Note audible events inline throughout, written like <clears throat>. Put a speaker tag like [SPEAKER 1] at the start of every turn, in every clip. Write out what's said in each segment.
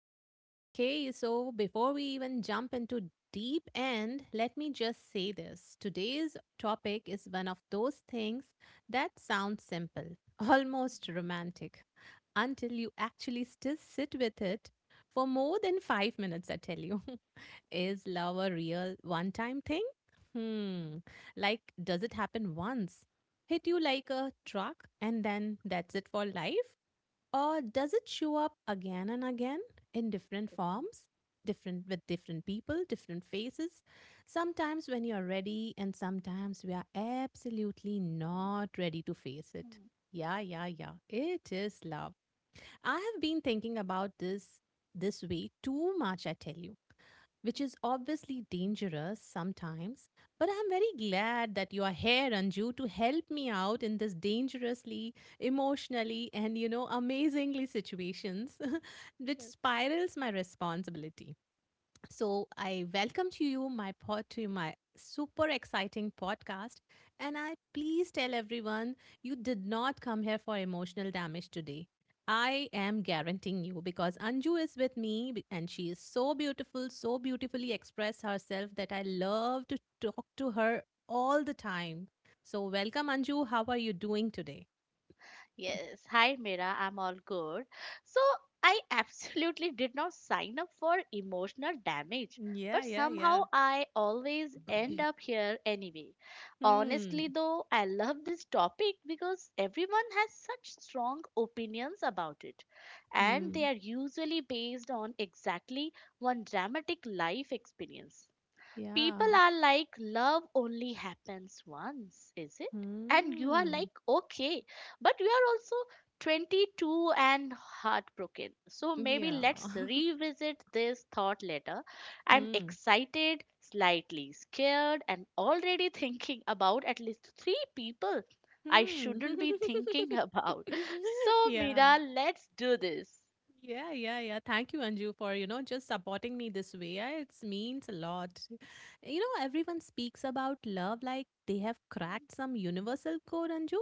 [SPEAKER 1] Okay, okay. So before we even jump into deep end, let me just say this. Today's topic is one of those things that sounds simple, <laughs> almost romantic, until you actually still sit with it for more than 5 minutes, I tell you. <laughs> Is love a real one time thing? Hmm. Like, does it happen once? Hit you like a truck and then that's it for life? Or does it show up again and again in different forms, different with different people, different faces? Sometimes when you're ready, and sometimes we are absolutely not ready to face it.
[SPEAKER 2] Mm,
[SPEAKER 1] Yeah, yeah, yeah. It is love. I have been thinking about this way too much, I tell you, which is obviously dangerous sometimes. But I'm very glad that you are here, Anju, to help me out in this dangerously, emotionally, and amazingly situations <laughs> which
[SPEAKER 2] yes,
[SPEAKER 1] spirals my responsibility. So I welcome to you my pod to my super exciting podcast and I please tell everyone you did not come here for emotional damage today. I am guaranteeing you because Anju is with me and she is so beautiful, so beautifully expressed herself that I love to talk to her all the time. So welcome, Anju, how are you doing today?
[SPEAKER 2] yes. Hi Mira, I'm all good. So I <laughs> absolutely did not sign up for emotional damage,
[SPEAKER 1] Yeah,
[SPEAKER 2] but
[SPEAKER 1] yeah, yeah.
[SPEAKER 2] somehow I always end up
[SPEAKER 1] <clears throat>
[SPEAKER 2] here anyway. Honestly,
[SPEAKER 1] Hmm.
[SPEAKER 2] though, I love this topic because everyone has such strong opinions about it, and they
[SPEAKER 1] Hmm.
[SPEAKER 2] are usually based on exactly one dramatic life experience. People
[SPEAKER 1] Yeah.
[SPEAKER 2] are like, love only happens once, is it? And you are
[SPEAKER 1] Hmm.
[SPEAKER 2] like, okay, but you are also 22 and heartbroken, so maybe
[SPEAKER 1] Yeah.
[SPEAKER 2] let's
[SPEAKER 1] <laughs>
[SPEAKER 2] revisit this thought later. I'm
[SPEAKER 1] Hmm.
[SPEAKER 2] excited, slightly scared, and already <laughs> thinking about at least three people I
[SPEAKER 1] Hmm.
[SPEAKER 2] shouldn't be thinking
[SPEAKER 1] <laughs>
[SPEAKER 2] about. <laughs> So
[SPEAKER 1] Yeah.
[SPEAKER 2] Mira, let's do this.
[SPEAKER 1] Yeah, yeah, yeah. Thank you, Anju, for, just supporting me this way. It means a lot. You know, everyone speaks about love like they have cracked some universal code, Anju.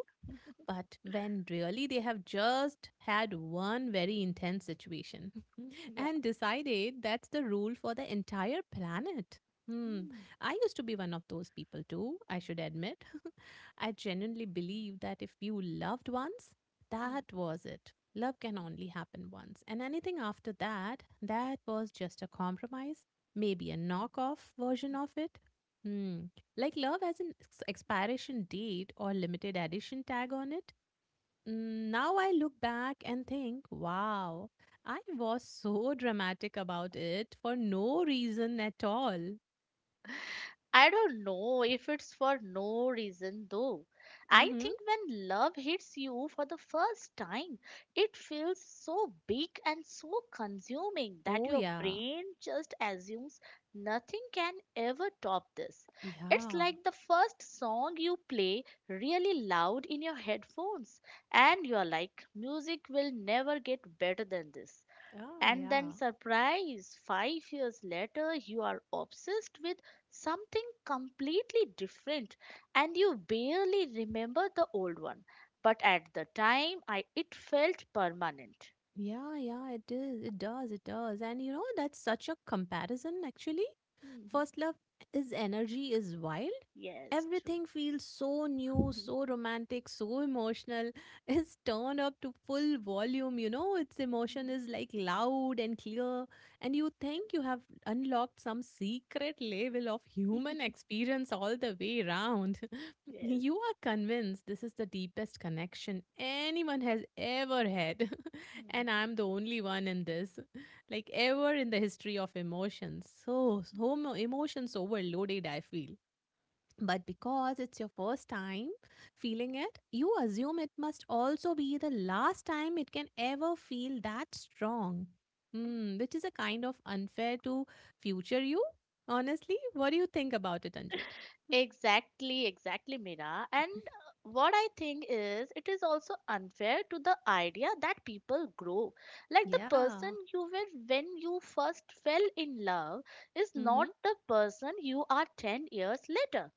[SPEAKER 1] But when really they have just had one very intense situation <laughs>
[SPEAKER 2] Yeah.
[SPEAKER 1] and decided that's the rule for the entire planet. Hmm.
[SPEAKER 2] Hmm,
[SPEAKER 1] I used to be one of those people too, I should admit. <laughs> I genuinely believe that if you loved once,
[SPEAKER 2] hmm, hmm.
[SPEAKER 1] that was it. Love can only happen once. And anything after that, that was just a compromise, maybe a knockoff version of it. Hmm. Like love has an expiration date or limited edition tag on it. Now I look back and think, wow, I was so dramatic about it for no reason at all.
[SPEAKER 2] I don't know if it's for no reason though. I
[SPEAKER 1] Mm-hmm.
[SPEAKER 2] think when love hits you for the first time, it feels so big and so consuming that
[SPEAKER 1] Oh,
[SPEAKER 2] your
[SPEAKER 1] yeah.
[SPEAKER 2] brain just assumes nothing can ever top this. It's
[SPEAKER 1] Yeah.
[SPEAKER 2] like the first song you play really loud in your headphones, and you're like, music will never get better than this.
[SPEAKER 1] Ah,
[SPEAKER 2] And then,
[SPEAKER 1] yeah.
[SPEAKER 2] surprise, 5 years later, you are obsessed with something completely different and you barely remember the old one. But at the time, it felt permanent.
[SPEAKER 1] Yeah, yeah, it is. It does. It does. And you know, that's such a comparison, actually.
[SPEAKER 2] Mhm.
[SPEAKER 1] First love is energy, is wild.
[SPEAKER 2] Yes, true.
[SPEAKER 1] Everything feels so new,
[SPEAKER 2] <laughs>
[SPEAKER 1] so romantic, so emotional. <laughs> It's turned up to full volume, its emotion is like loud and clear. And you think you have unlocked some secret level of human experience all the way round. <laughs>
[SPEAKER 2] Yes.
[SPEAKER 1] You are convinced this is the deepest connection anyone has ever had. <laughs> And I'm the only one in this, <laughs> like ever in the history of emotions. So emotions overloaded, I feel. But because it's your first time feeling it, you assume it must also be the last time it can ever feel that strong. Which is a kind of unfair to future you, honestly. What do you think about it, Anju?
[SPEAKER 2] Exactly, exactly, Mira. And what I think is, it is also unfair to the idea that people grow. Like the person
[SPEAKER 1] Yeah.
[SPEAKER 2] you were when you first fell in love is
[SPEAKER 1] Mm-hmm.
[SPEAKER 2] not the person you are 10 years later.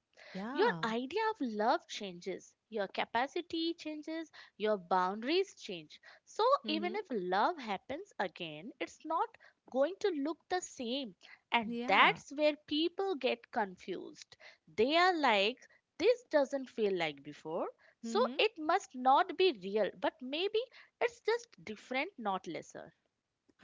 [SPEAKER 2] Your
[SPEAKER 1] Yeah.
[SPEAKER 2] idea of love changes, your capacity changes, your boundaries change. So,
[SPEAKER 1] Mm-hmm.
[SPEAKER 2] even if love happens again, it's not going to look the same. And
[SPEAKER 1] Yeah.
[SPEAKER 2] that's where people get confused. They are like, this doesn't feel like before, so
[SPEAKER 1] Mm-hmm.
[SPEAKER 2] it must not be real, but maybe it's just different, not lesser.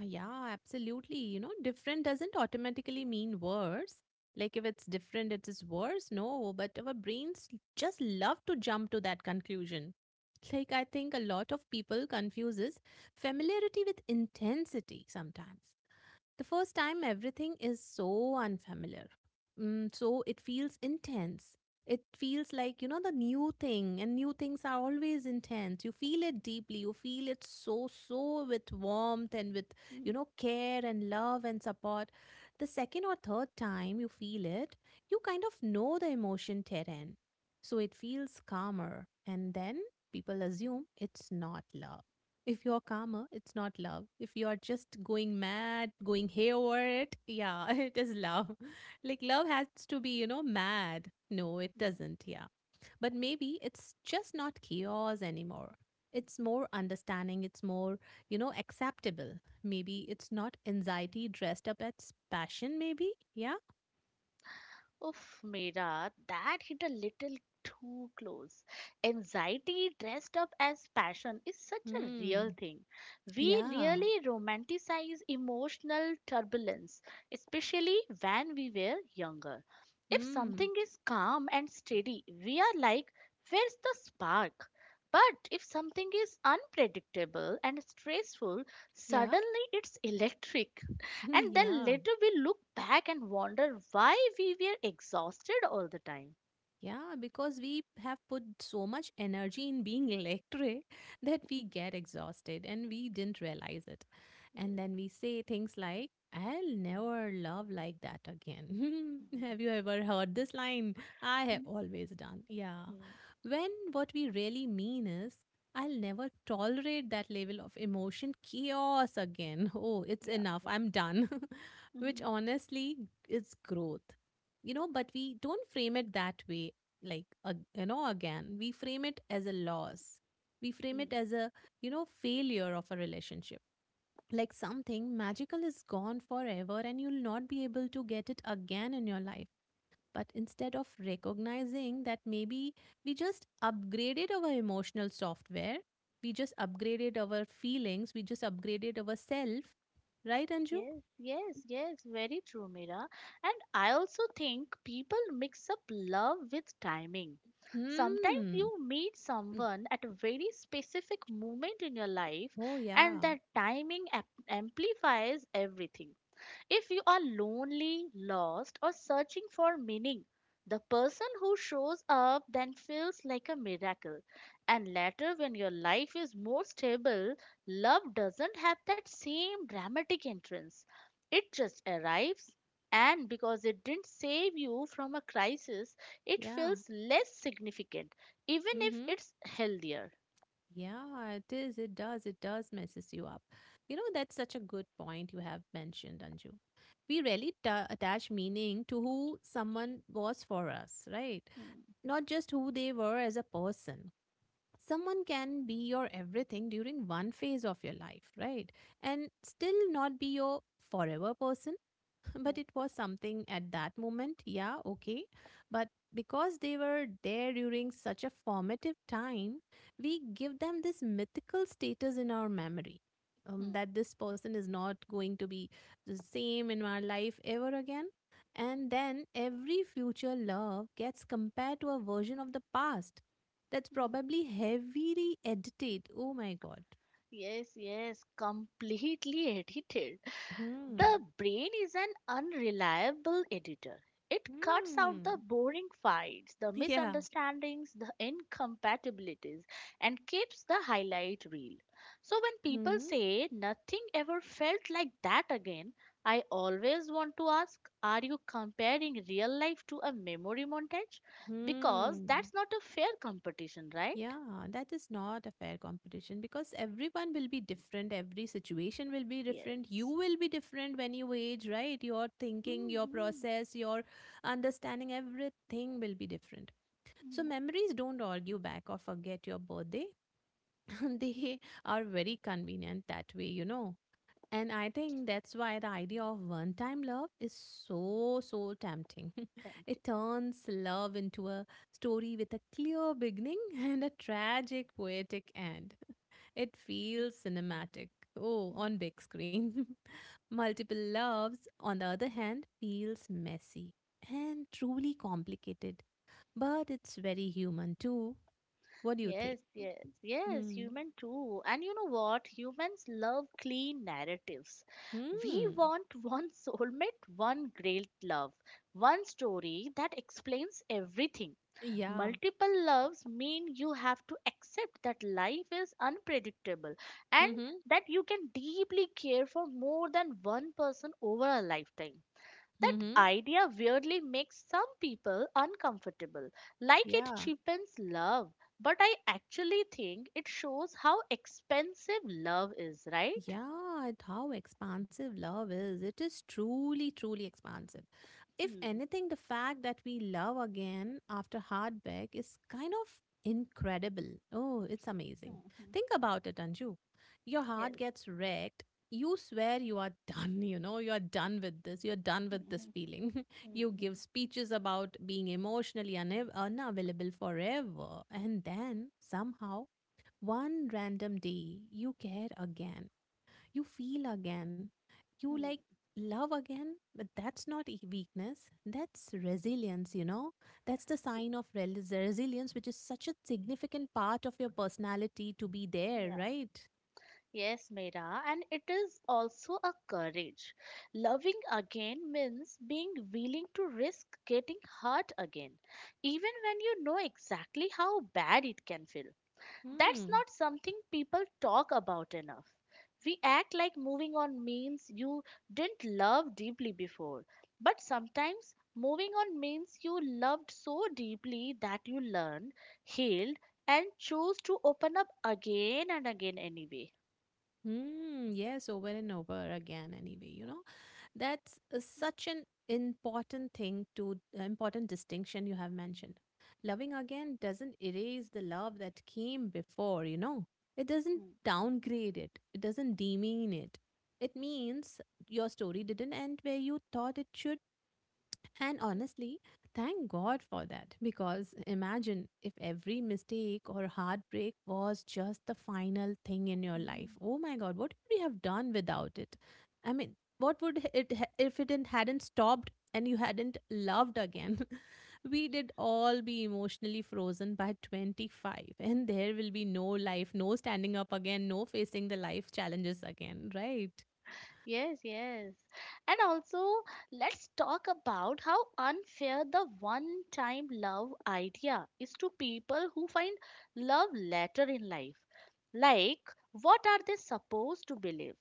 [SPEAKER 1] Yeah, absolutely. You know, different doesn't automatically mean worse. Like if it's different, it is worse. No, but our brains just love to jump to that conclusion. Like I think a lot of people confuses familiarity with intensity sometimes. The first time, everything is so unfamiliar. So it feels intense. It feels like, the new thing, and new things are always intense. You feel it deeply. You feel it so, so with warmth and with, care and love and support. The second or third time you feel it, you kind of know the emotion terrain. So it feels calmer. And then people assume it's not love if you're calmer, it's not love. If you're just going mad, going hayward, yeah, <laughs> it is love. <laughs> Like love has to be, mad. No, it
[SPEAKER 2] Mm.
[SPEAKER 1] doesn't, yeah. But maybe it's just not chaos anymore. It's more understanding, it's more, acceptable. Maybe it's not anxiety dressed up as passion, maybe. Yeah.
[SPEAKER 2] Oof, Mira, that hit a little too close. Anxiety dressed up as passion is such a real
[SPEAKER 1] Hmm.
[SPEAKER 2] thing. We
[SPEAKER 1] Yeah.
[SPEAKER 2] really romanticize emotional turbulence, especially when we were younger. If
[SPEAKER 1] Hmm.
[SPEAKER 2] something is calm and steady, we are like, where's the spark? But if something is unpredictable and stressful,
[SPEAKER 1] Yeah.
[SPEAKER 2] suddenly it's electric. And
[SPEAKER 1] <laughs>
[SPEAKER 2] then
[SPEAKER 1] Yeah.
[SPEAKER 2] later we look back and wonder why we were exhausted all the time.
[SPEAKER 1] Yeah, because we have put so much energy in being electric <laughs> that we get exhausted and we didn't realize it. And
[SPEAKER 2] Yes.
[SPEAKER 1] then we say things like, I'll never love like that again. <laughs> Have
[SPEAKER 2] Mhm.
[SPEAKER 1] you ever heard this line? I have
[SPEAKER 2] Mhm.
[SPEAKER 1] always done. Yeah.
[SPEAKER 2] Yeah.
[SPEAKER 1] When what we really mean is, I'll never tolerate that level of emotion chaos again. <laughs> Oh, it's enough.
[SPEAKER 2] Yeah.
[SPEAKER 1] I'm done. <laughs> Which
[SPEAKER 2] Mhm.
[SPEAKER 1] honestly is growth, you know but we don't frame it that way, like again we frame it as a loss, we frame
[SPEAKER 2] Mm.
[SPEAKER 1] it as a failure of a relationship, like something magical is gone forever and you'll not be able to get it again in your life. But instead of recognizing that maybe we just upgraded our emotional software, we just upgraded our feelings, we just upgraded our self, right, Anju?
[SPEAKER 2] Yes, yes, yes, very true, Mira. And I also think people mix up love with timing. Sometimes
[SPEAKER 1] Hmm.
[SPEAKER 2] you meet
[SPEAKER 1] Mm.
[SPEAKER 2] someone at a very specific moment in your life,
[SPEAKER 1] Oh,
[SPEAKER 2] and
[SPEAKER 1] yeah.
[SPEAKER 2] that timing amplifies everything. If you are lonely, lost, or searching for meaning, the person who shows up then feels like a miracle. And later, when your life is more stable, love doesn't have that same dramatic entrance. It just arrives, and because it didn't save you from a crisis, it
[SPEAKER 1] Yeah.
[SPEAKER 2] feels less significant, even if
[SPEAKER 1] Mm-hmm.
[SPEAKER 2] it's healthier.
[SPEAKER 1] Yeah, it is. It does. It does messes you up. You know, that's such a good point you have mentioned, Anju. We really ta attach meaning to who someone was for us, right?
[SPEAKER 2] Hmm,
[SPEAKER 1] Not just who they were as a person. Someone can be your everything during one phase of your life, right? And still not be your forever person, but
[SPEAKER 2] hmm,
[SPEAKER 1] it was something at that moment. Yeah. Okay. But because they were there during such a formative time, we give them this mythical status in our memory,
[SPEAKER 2] hmm,
[SPEAKER 1] that this person is not going to be the same in our life ever again. And then every future love gets compared to a version of the past that's
[SPEAKER 2] hmm.
[SPEAKER 1] probably heavily edited. Oh my God.
[SPEAKER 2] Yes, yes, completely <laughs> edited.
[SPEAKER 1] Hmm.
[SPEAKER 2] The brain is an unreliable editor. It cuts out the
[SPEAKER 1] Hmm.
[SPEAKER 2] boring fights, the
[SPEAKER 1] Yeah.
[SPEAKER 2] misunderstandings, the incompatibilities, and keeps the highlight reel. So when people
[SPEAKER 1] Hmm.
[SPEAKER 2] say nothing ever felt like that again, I always want to ask, are you comparing real life to a memory montage? Because
[SPEAKER 1] Hmm.
[SPEAKER 2] that's not a fair competition, right?
[SPEAKER 1] Yeah, that is not a fair competition because everyone will be different. Every situation will be different. You
[SPEAKER 2] Yes.
[SPEAKER 1] will be different when you age, right? Your thinking, your
[SPEAKER 2] Hmm.
[SPEAKER 1] process, your understanding, everything will be different. So, memories don't argue back or forget your birthday. <laughs> They are very convenient that way. And I think that's why the idea of one time love is so, so tempting. <laughs>
[SPEAKER 2] Tempting.
[SPEAKER 1] It turns love into a story with a clear beginning <laughs> and a tragic, poetic end. <laughs> It feels cinematic. Oh, on big screen. <laughs> Multiple loves, on the other hand, feels messy and truly complicated. But it's very human too. What do you think?
[SPEAKER 2] Yes, yes, yes,
[SPEAKER 1] Hmm.
[SPEAKER 2] human too. And you know what? Humans love clean narratives. We
[SPEAKER 1] Hmm.
[SPEAKER 2] want one <laughs> soulmate, one great love, one story that explains everything.
[SPEAKER 1] Yeah.
[SPEAKER 2] Multiple loves mean you have to accept that life is unpredictable and
[SPEAKER 1] Mm-hmm.
[SPEAKER 2] that you can deeply care for more than one person over a lifetime. That
[SPEAKER 1] Mm-hmm.
[SPEAKER 2] idea weirdly makes some people uncomfortable, like it
[SPEAKER 1] Yeah.
[SPEAKER 2] cheapens love. But I actually think it shows how expensive love is, right?
[SPEAKER 1] Yeah, how expansive love is. It is truly, truly expansive. If
[SPEAKER 2] Hmm.
[SPEAKER 1] anything, the fact that we love again after heartbreak is kind of incredible. Oh, it's amazing.
[SPEAKER 2] Mhm.
[SPEAKER 1] Think about it, Anju. Your heart
[SPEAKER 2] Yes.
[SPEAKER 1] gets wrecked. You swear you are <laughs> done, you are done with this, you're done with this
[SPEAKER 2] Mhm.
[SPEAKER 1] feeling. <laughs> you give
[SPEAKER 2] Mhm.
[SPEAKER 1] speeches about being emotionally unavailable forever. And then somehow, one random day, you care again, you feel again, you like
[SPEAKER 2] Hmm.
[SPEAKER 1] love again. But that's not weakness, that's resilience, that's the
[SPEAKER 2] Ye-
[SPEAKER 1] sign of resilience, which is such a significant part of your personality to be there,
[SPEAKER 2] Yeah.
[SPEAKER 1] right?
[SPEAKER 2] Yes, Meera, and it is also a courage. Loving again means being willing to risk getting hurt again, even when you know exactly how bad it can feel. That's
[SPEAKER 1] Hmm.
[SPEAKER 2] not something people talk about enough. We act like moving on means you didn't love deeply before. But sometimes moving on means you loved so deeply that you learned, healed, and chose to open up again and again anyway.
[SPEAKER 1] Hmm. Yes, over and over again, anyway. That's such an important thing to important distinction you have mentioned. Loving again doesn't erase the love that came before. It doesn't downgrade it. It doesn't demean it. It means your story didn't end where you thought it should and honestly, thank God for that because imagine if every mistake or heartbreak was just the final thing in your life.
[SPEAKER 2] Mm.
[SPEAKER 1] Oh my God, what would you have done without it? I mean, what would it if it hadn't stopped and you hadn't loved again? <laughs> We did all be emotionally frozen by 25 and there will be no life, no standing up again, no facing the life challenges again, right?
[SPEAKER 2] Yes, yes. And also, let's talk about how unfair the one time love idea is to people who find love later in life. Like, what are they supposed to believe?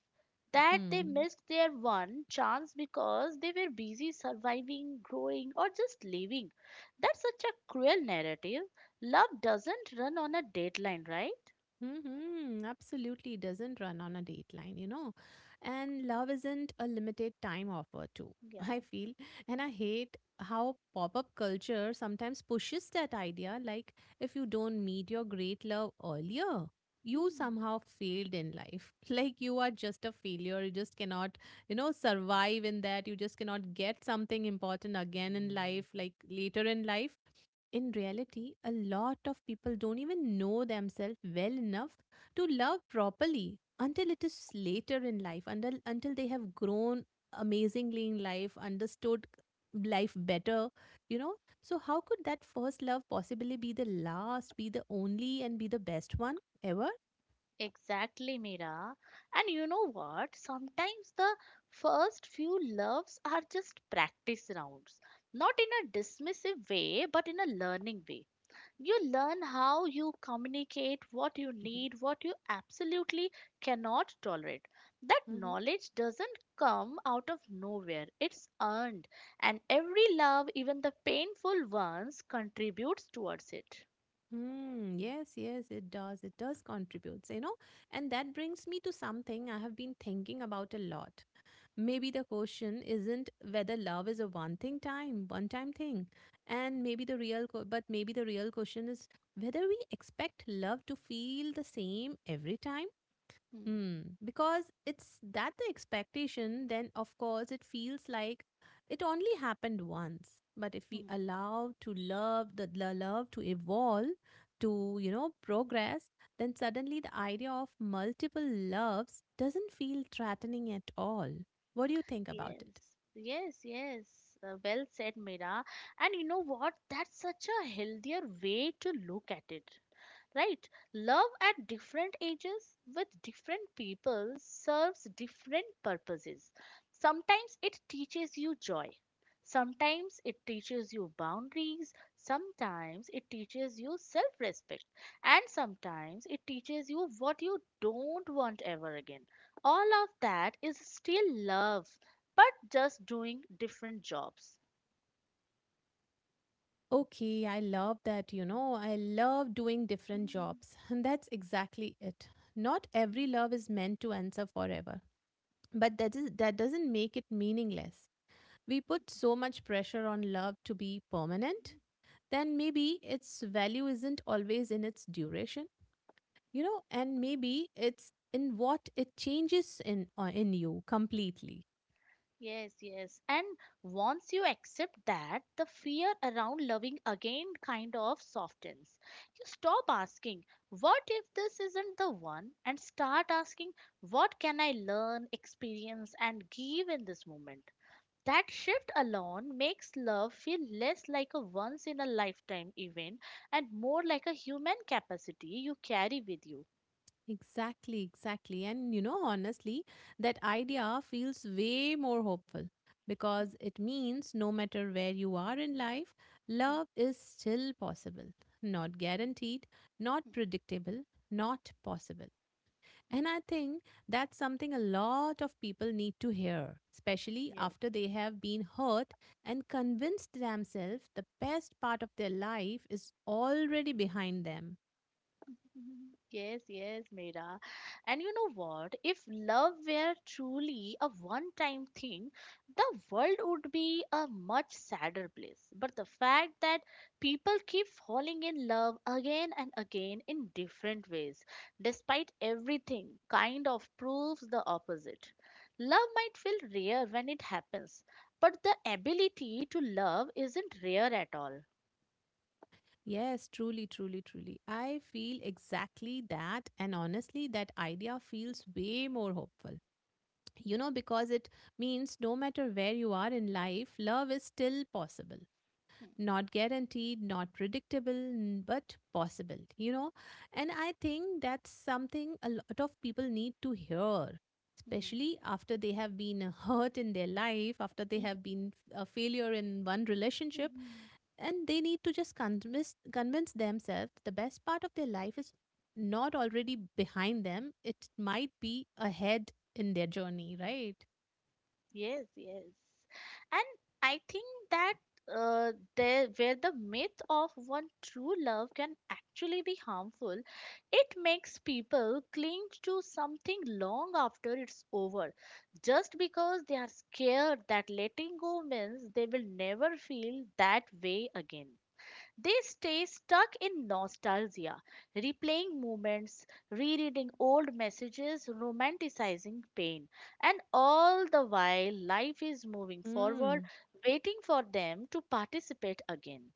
[SPEAKER 2] That they
[SPEAKER 1] Hmm.
[SPEAKER 2] missed their one chance because they were busy surviving, growing, or just living. That's such a cruel narrative. Love doesn't run on a deadline, right?
[SPEAKER 1] Mm-hmm, absolutely doesn't run on a dateline. And love isn't a limited time offer, too, <laughs>
[SPEAKER 2] Yeah.
[SPEAKER 1] I feel. And I hate how pop up culture sometimes pushes that idea like, if you don't meet your great love earlier, you
[SPEAKER 2] Hmm.
[SPEAKER 1] somehow failed in life. <laughs> Like, you are just a failure. You just cannot, survive in that. You just cannot get something important again in life, like later in life in reality, a lot of people don't even know themselves well enough to love properly until it is later in life, until they have grown amazingly in life, understood life better, you know. So how could that first love possibly be the last, be the only, and be the best one ever?
[SPEAKER 2] Exactly, Mira. And you know what? Sometimes the first few loves are just practice rounds, not in a dismissive way, but in a learning way. You learn how you communicate, what you need, what you absolutely cannot tolerate. That
[SPEAKER 1] Mm-hmm.
[SPEAKER 2] knowledge doesn't come out of nowhere, it's earned. And every love, even the painful ones, contributes towards it.
[SPEAKER 1] Mm, yes, yes, it does. It does contributes. And that brings me to something I have been thinking about a lot. Maybe the question isn't whether love is a one time thing. And maybe the real co- but maybe the real question is whether we expect love to feel the same every time.
[SPEAKER 2] Hmm.
[SPEAKER 1] Hmm. Because it's that the expectation, then of course it feels like it only happened once. But if we
[SPEAKER 2] Hmm.
[SPEAKER 1] allow to love the love to evolve, to progress, then suddenly the idea of multiple loves doesn't feel threatening at all. What do you think about it?
[SPEAKER 2] Yes, yes, yes. Well said, Mira. And you know what? That's such a healthier way to look at it, right? Love at different ages with different people serves different purposes. Sometimes it teaches you joy. Sometimes it teaches you boundaries. Sometimes it teaches you self respect. And sometimes it teaches you what you don't want ever again. All of that is still love, but just doing different jobs.
[SPEAKER 1] Okay, I love that, you know, I love doing different
[SPEAKER 2] Mhm.
[SPEAKER 1] jobs. <laughs> And that's exactly it. Not every love is meant to answer forever. But that doesn't make it meaningless. We put so much pressure on love to be permanent, then maybe its value isn't always in its duration, you know, and maybe it's in what it changes in you completely.
[SPEAKER 2] Yes, yes. And once you accept that, the fear around loving again kind of softens. You stop asking, what if this isn't the one? And start asking, what can I learn, experience, and give in this moment? That shift alone makes love feel less like a once in a lifetime event and more like a human capacity you carry with you.
[SPEAKER 1] Exactly, exactly. And you know, honestly, that idea feels way more hopeful
[SPEAKER 2] Hmm,
[SPEAKER 1] because it means no matter where you are in life,
[SPEAKER 2] hmm,
[SPEAKER 1] love is still possible. Not guaranteed, not
[SPEAKER 2] hmm,
[SPEAKER 1] predictable, not possible.
[SPEAKER 2] hmm.
[SPEAKER 1] And I think that's something a lot of people need to hear, especially
[SPEAKER 2] Yes.
[SPEAKER 1] after they have been hurt and convinced themselves the best part of their life is already behind them.
[SPEAKER 2] Mhm. Yes, yes, Mira. And you know what? If love were truly a one time thing, the world would be a much sadder place. But the fact that people keep falling in love again and again in different ways, despite everything, kind of proves the opposite. Love might feel rare when it happens, but the ability to love isn't rare at all.
[SPEAKER 1] Yes, truly, truly, truly. I feel exactly that. And honestly, that idea feels way more hopeful. You know, because it means no matter where you are in life, love is still possible. Not guaranteed, not predictable, but possible, you know? And I think that's something a lot of people need to hear,
[SPEAKER 2] Mhm.
[SPEAKER 1] especially after they have been <laughs> hurt in their life, after they have been a failure in one relationship,
[SPEAKER 2] Mhm.
[SPEAKER 1] and they need to just convince themselves that the best part of their life is not already behind them. It might be ahead in their journey, right?
[SPEAKER 2] Yes, yes. And I think that there where the myth of one true love can actually be harmful, it makes people cling to something long after it's over, just because they are scared that letting go means they will never feel that way again. They stay stuck in nostalgia, replaying moments, rereading old messages, romanticizing pain. And all the while, life is moving forward,
[SPEAKER 1] Mm.
[SPEAKER 2] waiting for them to participate again.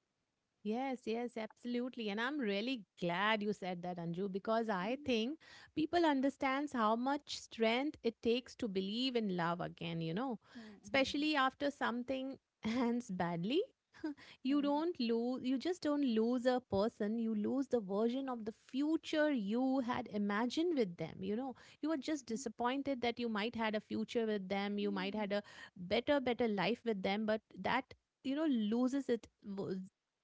[SPEAKER 1] Yes, yes, absolutely. And I'm really glad you said that, Anju, because I think people understands how much strength it takes to believe in love again, you know, especially after something <laughs> ends badly. You just don't lose a person, you lose the version of the future you had imagined with them, you know. You are just disappointed that you might had a future with them, you might had a better life with them, but that, you know, loses it wo-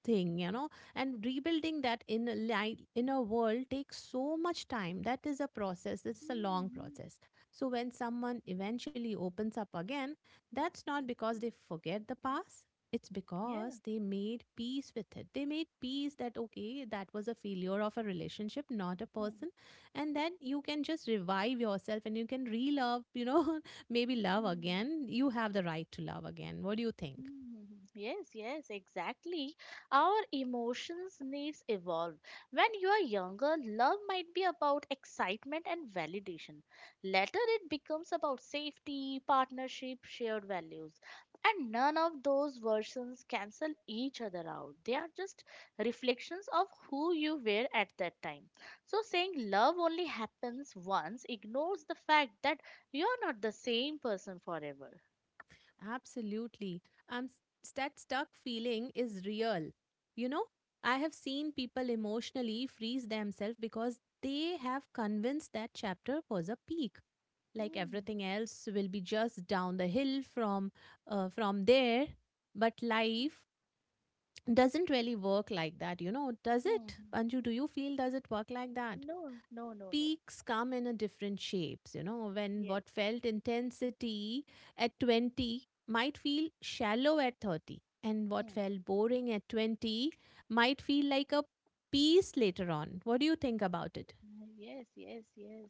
[SPEAKER 1] thing you know. And rebuilding that in inner world takes so much time. That is a process, it's a long process. So when someone eventually opens up again, that's not because they forget the past, it's because they made peace with it. They made peace that, okay, that was a failure of a relationship, not a person.
[SPEAKER 2] <laughs>
[SPEAKER 1] And then you can just revive yourself and you can re love, you know, <laughs> maybe love
[SPEAKER 2] Yeah.
[SPEAKER 1] again. You have the right to love again. What do you think?
[SPEAKER 2] Mhm. Yes, yes, exactly. Our emotions needs evolve. When you are younger, love might be about excitement and validation. Later it becomes about safety, partnership, shared values. And none of those versions cancel each other out. They are just reflections of who you were at that time. So saying love only happens once ignores the fact that you're not the same person forever.
[SPEAKER 1] Absolutely. Um, that stuck feeling is real. You know, I have seen people emotionally freeze themselves because they have convinced that chapter was a peak. Like
[SPEAKER 2] Hmm.
[SPEAKER 1] everything else will be just down the hill from there. But life doesn't really work like that, you know, does it?
[SPEAKER 2] Hmm.
[SPEAKER 1] Anju, do you feel does it work like that?
[SPEAKER 2] No, no, no, no.
[SPEAKER 1] Peaks come in a different shapes, you know. When
[SPEAKER 2] Yes.
[SPEAKER 1] what felt intensity at 20 might feel shallow at 30, and what
[SPEAKER 2] Mm.
[SPEAKER 1] felt boring at 20 might feel like a piece later on. What do you think about it?
[SPEAKER 2] Yes, yes, yes.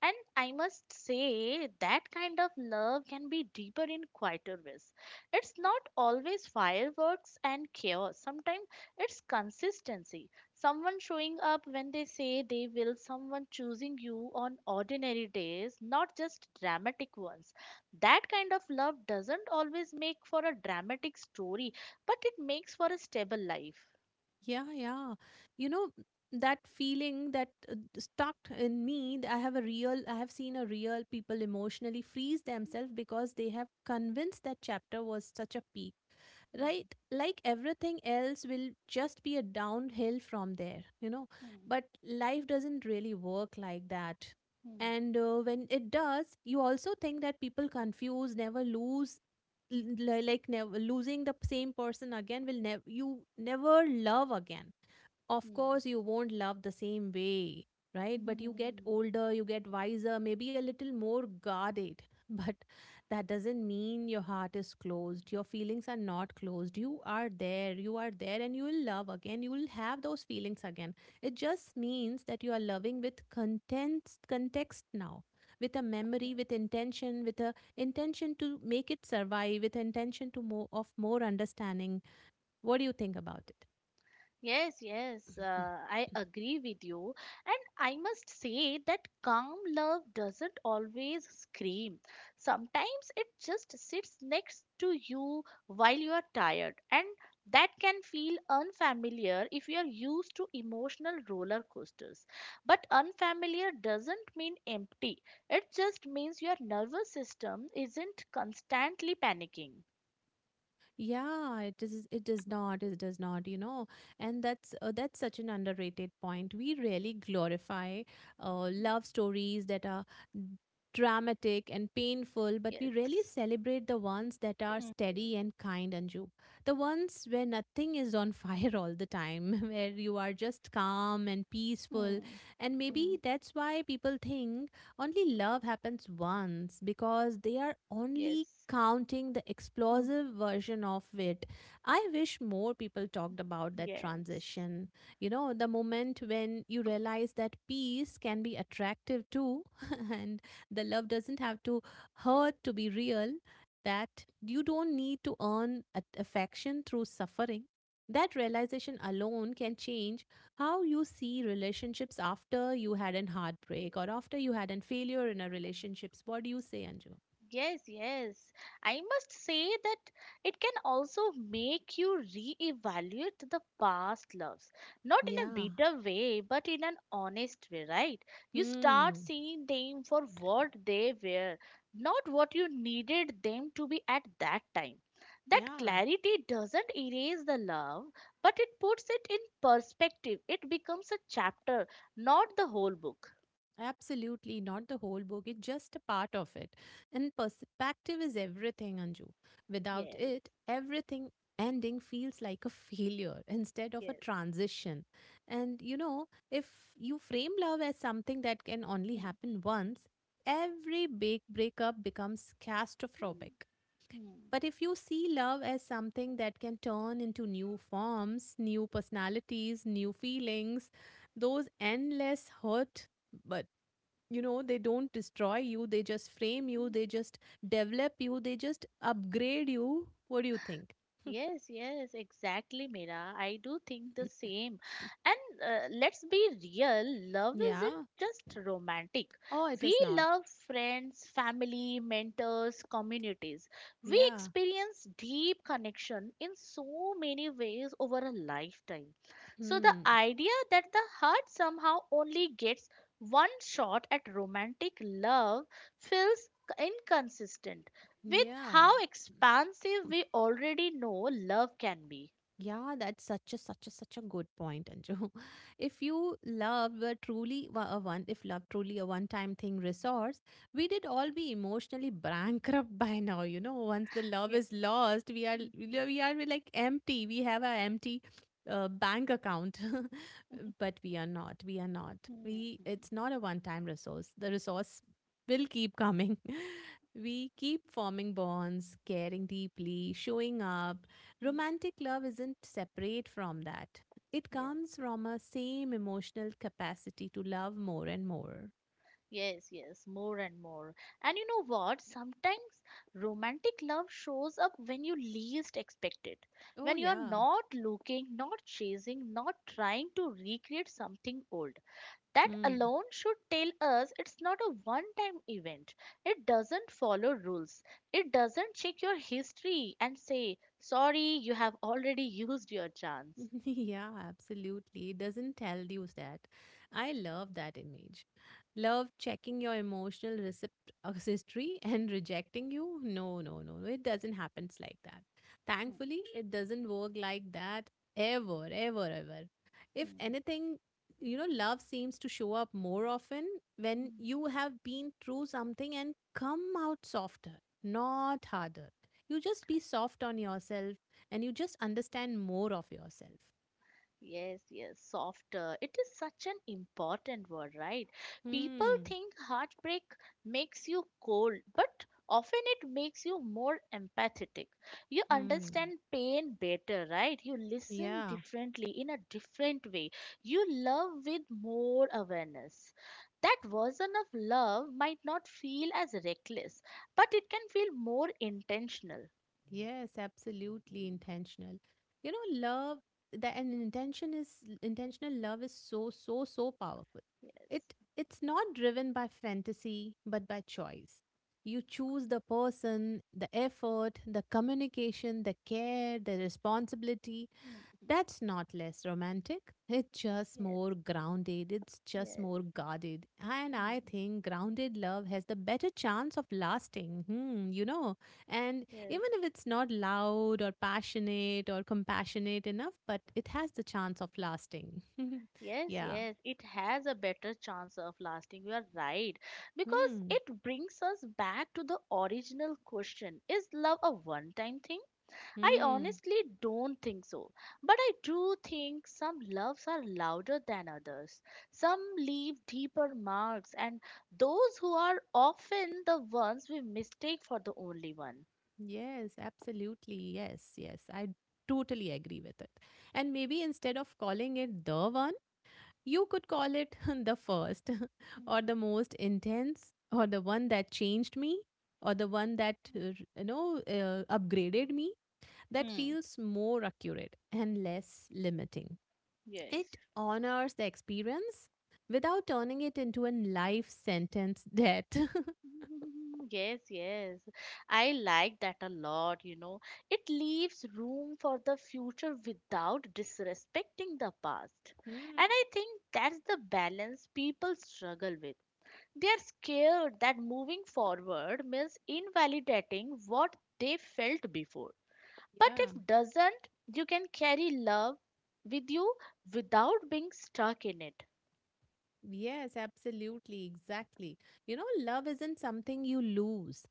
[SPEAKER 2] And I must say that kind of love can be deeper in quieter ways. It's not always fireworks and chaos. Sometimes it's consistency. Someone showing up when they say they will, someone choosing you on ordinary days, not just dramatic ones. That kind of love doesn't always make for a dramatic story, but it makes for a stable life.
[SPEAKER 1] Yeah, yeah. You know, that feeling that stuck in I have a real, I have seen a real people emotionally freeze themselves because they have convinced that chapter was such a peak.
[SPEAKER 2] Mm.
[SPEAKER 1] Right, like everything else will just be a downhill from there, you know.
[SPEAKER 2] Mm.
[SPEAKER 1] But life doesn't really work like that.
[SPEAKER 2] Hmm,
[SPEAKER 1] And when it does, you also think that people confuse never lose, l- like never losing the same person again will never, you never love again. Of
[SPEAKER 2] hmm.
[SPEAKER 1] course you won't love the same way, right? But you get
[SPEAKER 2] <laughs>
[SPEAKER 1] older, you get wiser, maybe a little more guarded, <laughs> but that doesn't mean your heart is closed, your feelings are not closed. You are there, you are there, and you will love again, you will have those feelings again. It just means that you are loving with content context now, with a memory, with intention, with a intention to make it survive, with intention to more of more understanding. What do you think about it?
[SPEAKER 2] Yes, yes,
[SPEAKER 1] Mhm.
[SPEAKER 2] I agree with you. And I must say that calm love doesn't always scream. Sometimes it just sits next to you while you are tired, and that can feel unfamiliar if you are used to emotional roller coasters. But unfamiliar doesn't mean empty, it just means your nervous system isn't constantly panicking.
[SPEAKER 1] Yeah, it is. It does not. It does not. You know, and that's such an underrated point. We really glorify love stories that are dramatic and painful, but we rarely
[SPEAKER 2] Yes.
[SPEAKER 1] celebrate the ones that are
[SPEAKER 2] Hmm.
[SPEAKER 1] steady and kind, Anju. The ones where nothing is on <laughs> fire all the time, <laughs> where you
[SPEAKER 2] Yes.
[SPEAKER 1] are just calm and peaceful.
[SPEAKER 2] Hmm.
[SPEAKER 1] And
[SPEAKER 2] Hmm.
[SPEAKER 1] maybe that's why people think only love happens once, because they are only
[SPEAKER 2] Yes.
[SPEAKER 1] counting the
[SPEAKER 2] Hmm.
[SPEAKER 1] explosive version of it. I wish more people talked about that
[SPEAKER 2] Yes.
[SPEAKER 1] transition. You know, the moment when you realize that peace can be attractive too, <laughs> and the love doesn't have to hurt to be real, that you don't need to earn affection through suffering. That realization alone can change how you see relationships after you had an heartbreak or after you had a failure in a relationships. What do you say, Anju?
[SPEAKER 2] Yes, yes. I must say that it can also make you re-evaluate the past loves. Not in a
[SPEAKER 1] Yeah.
[SPEAKER 2] bitter way, but in an honest way, right? You start
[SPEAKER 1] Hmm.
[SPEAKER 2] seeing them for what they were, not what you needed them to be at that time. That
[SPEAKER 1] Yeah.
[SPEAKER 2] clarity doesn't erase the love, but it puts it in perspective. It becomes a chapter, not the whole book.
[SPEAKER 1] Absolutely. Not the whole book. It's just a part of it. And perspective is everything, Anju. Without
[SPEAKER 2] Yes,
[SPEAKER 1] it, everything ending feels like a failure instead of a
[SPEAKER 2] yes.
[SPEAKER 1] transition. And you know, if you frame love as something that can only
[SPEAKER 2] Hmm.
[SPEAKER 1] happen once, every big breakup becomes
[SPEAKER 2] Hmm.
[SPEAKER 1] catastrophic.
[SPEAKER 2] Hmm,
[SPEAKER 1] But if you see love as something that can turn into new forms, new personalities, new feelings, those endless hurt, but you know, they don't destroy you, they just frame you,
[SPEAKER 2] hmm.
[SPEAKER 1] they just develop you, they just upgrade you. What do you think?
[SPEAKER 2] Yes, yes, exactly, Mira. I do think the same.
[SPEAKER 1] <clears throat>
[SPEAKER 2] And let's be real, love isn't
[SPEAKER 1] Yeah.
[SPEAKER 2] just romantic.
[SPEAKER 1] Oh, it
[SPEAKER 2] We
[SPEAKER 1] is not.
[SPEAKER 2] love friends, family, mentors, communities. We
[SPEAKER 1] Yeah.
[SPEAKER 2] experience deep connection in so many ways over a lifetime. So the
[SPEAKER 1] Hmm.
[SPEAKER 2] idea that the heart somehow only gets one shot at romantic love feels inconsistent with
[SPEAKER 1] Yeah.
[SPEAKER 2] how expansive we already know love can be.
[SPEAKER 1] Yeah, that's such a such a good point, Anju. <laughs> If you love were truly wa- a one, if love truly a one-time thing resource, we did all be emotionally bankrupt <laughs> by now. You know, once the love
[SPEAKER 2] Yeah.
[SPEAKER 1] is lost, we are
[SPEAKER 2] Mhm. Mhm.
[SPEAKER 1] we are we are like empty. We have an empty bank account, <laughs> but we are not. We are not.
[SPEAKER 2] Yes,
[SPEAKER 1] We
[SPEAKER 2] hmm,
[SPEAKER 1] It's not a one-time resource. The resource will keep coming. <laughs> We keep forming bonds, caring deeply, showing up.
[SPEAKER 2] hmm, hmm.
[SPEAKER 1] Romantic love isn't separate from that. It comes from a same emotional capacity to love more and more.
[SPEAKER 2] Yes, yes, more and more. And you know what? Sometimes romantic love shows up when you least expect it.
[SPEAKER 1] Oh,
[SPEAKER 2] When you're
[SPEAKER 1] yeah.
[SPEAKER 2] not looking, not chasing, not trying to recreate something old. That alone should tell us it's not a one time event. It doesn't follow rules. It doesn't check your history and say, sorry, you have already used your chance.
[SPEAKER 1] <laughs> Yeah, absolutely. It doesn't tell you that. I love that image. Love checking your emotional receipt history <laughs> and rejecting you. No, no, no, no. It doesn't happen like that.
[SPEAKER 2] Hmm,
[SPEAKER 1] Thankfully, it doesn't work like that ever, ever, ever. If
[SPEAKER 2] hmm,
[SPEAKER 1] anything, you know, love seems to show up more often when
[SPEAKER 2] hmm.
[SPEAKER 1] you have been through something and come out softer, not harder. You just be soft on yourself, and you just understand more of yourself.
[SPEAKER 2] Yes, yes, softer. It is such an important word, right? People
[SPEAKER 1] Hmm.
[SPEAKER 2] think heartbreak makes you cold, but often it makes you more empathetic. You
[SPEAKER 1] Hmm.
[SPEAKER 2] understand pain better, right? You listen
[SPEAKER 1] Yeah.
[SPEAKER 2] differently in a different way. You love with more awareness. That version of love might not feel as reckless, but it can feel more intentional.
[SPEAKER 1] Yes, absolutely intentional. You know, love the and intention is intentional love is so powerful.
[SPEAKER 2] Yes.
[SPEAKER 1] It it's not driven by fantasy but by choice. You choose the person, the effort, the communication, the care, the responsibility.
[SPEAKER 2] Mm, mm.
[SPEAKER 1] That's not less romantic. It's just
[SPEAKER 2] Yes,
[SPEAKER 1] more grounded. It's just
[SPEAKER 2] yes,
[SPEAKER 1] more guarded. And I
[SPEAKER 2] mm.
[SPEAKER 1] think grounded love has the better chance of lasting, hmm, you know. And
[SPEAKER 2] Yes.
[SPEAKER 1] even if it's not loud or passionate or compassionate enough, but it has the chance of lasting. <laughs>
[SPEAKER 2] Yes,
[SPEAKER 1] Yeah.
[SPEAKER 2] yes, it has a better chance of lasting. You are right. Because
[SPEAKER 1] Hmm.
[SPEAKER 2] it brings us back to the original question, is love a one time thing? I
[SPEAKER 1] Hmm.
[SPEAKER 2] honestly don't think so. But I do think some loves are louder than others. Some leave deeper marks, and those who are often the ones we mistake for the only one.
[SPEAKER 1] Yes, absolutely. Yes, yes. I totally agree with it. And maybe instead of calling it the one, you could call it <laughs> the first, <laughs>
[SPEAKER 2] Hmm.
[SPEAKER 1] or the most intense, or the one that changed me, or the one that, you know, upgraded me. That
[SPEAKER 2] Hmm.
[SPEAKER 1] feels more accurate and less limiting. It
[SPEAKER 2] Yes.
[SPEAKER 1] honors the experience without turning it into a life sentence debt. <laughs>
[SPEAKER 2] <laughs> Yes, yes. I like that a lot, you know. It leaves room for the future without disrespecting the past.
[SPEAKER 1] Hmm,
[SPEAKER 2] And I think that's the balance people struggle with. They are scared that moving forward means invalidating what they felt before. But
[SPEAKER 1] yeah.
[SPEAKER 2] if doesn't, you can carry love with you without being stuck in it.
[SPEAKER 1] Yes, absolutely, exactly. You know, love isn't something you lose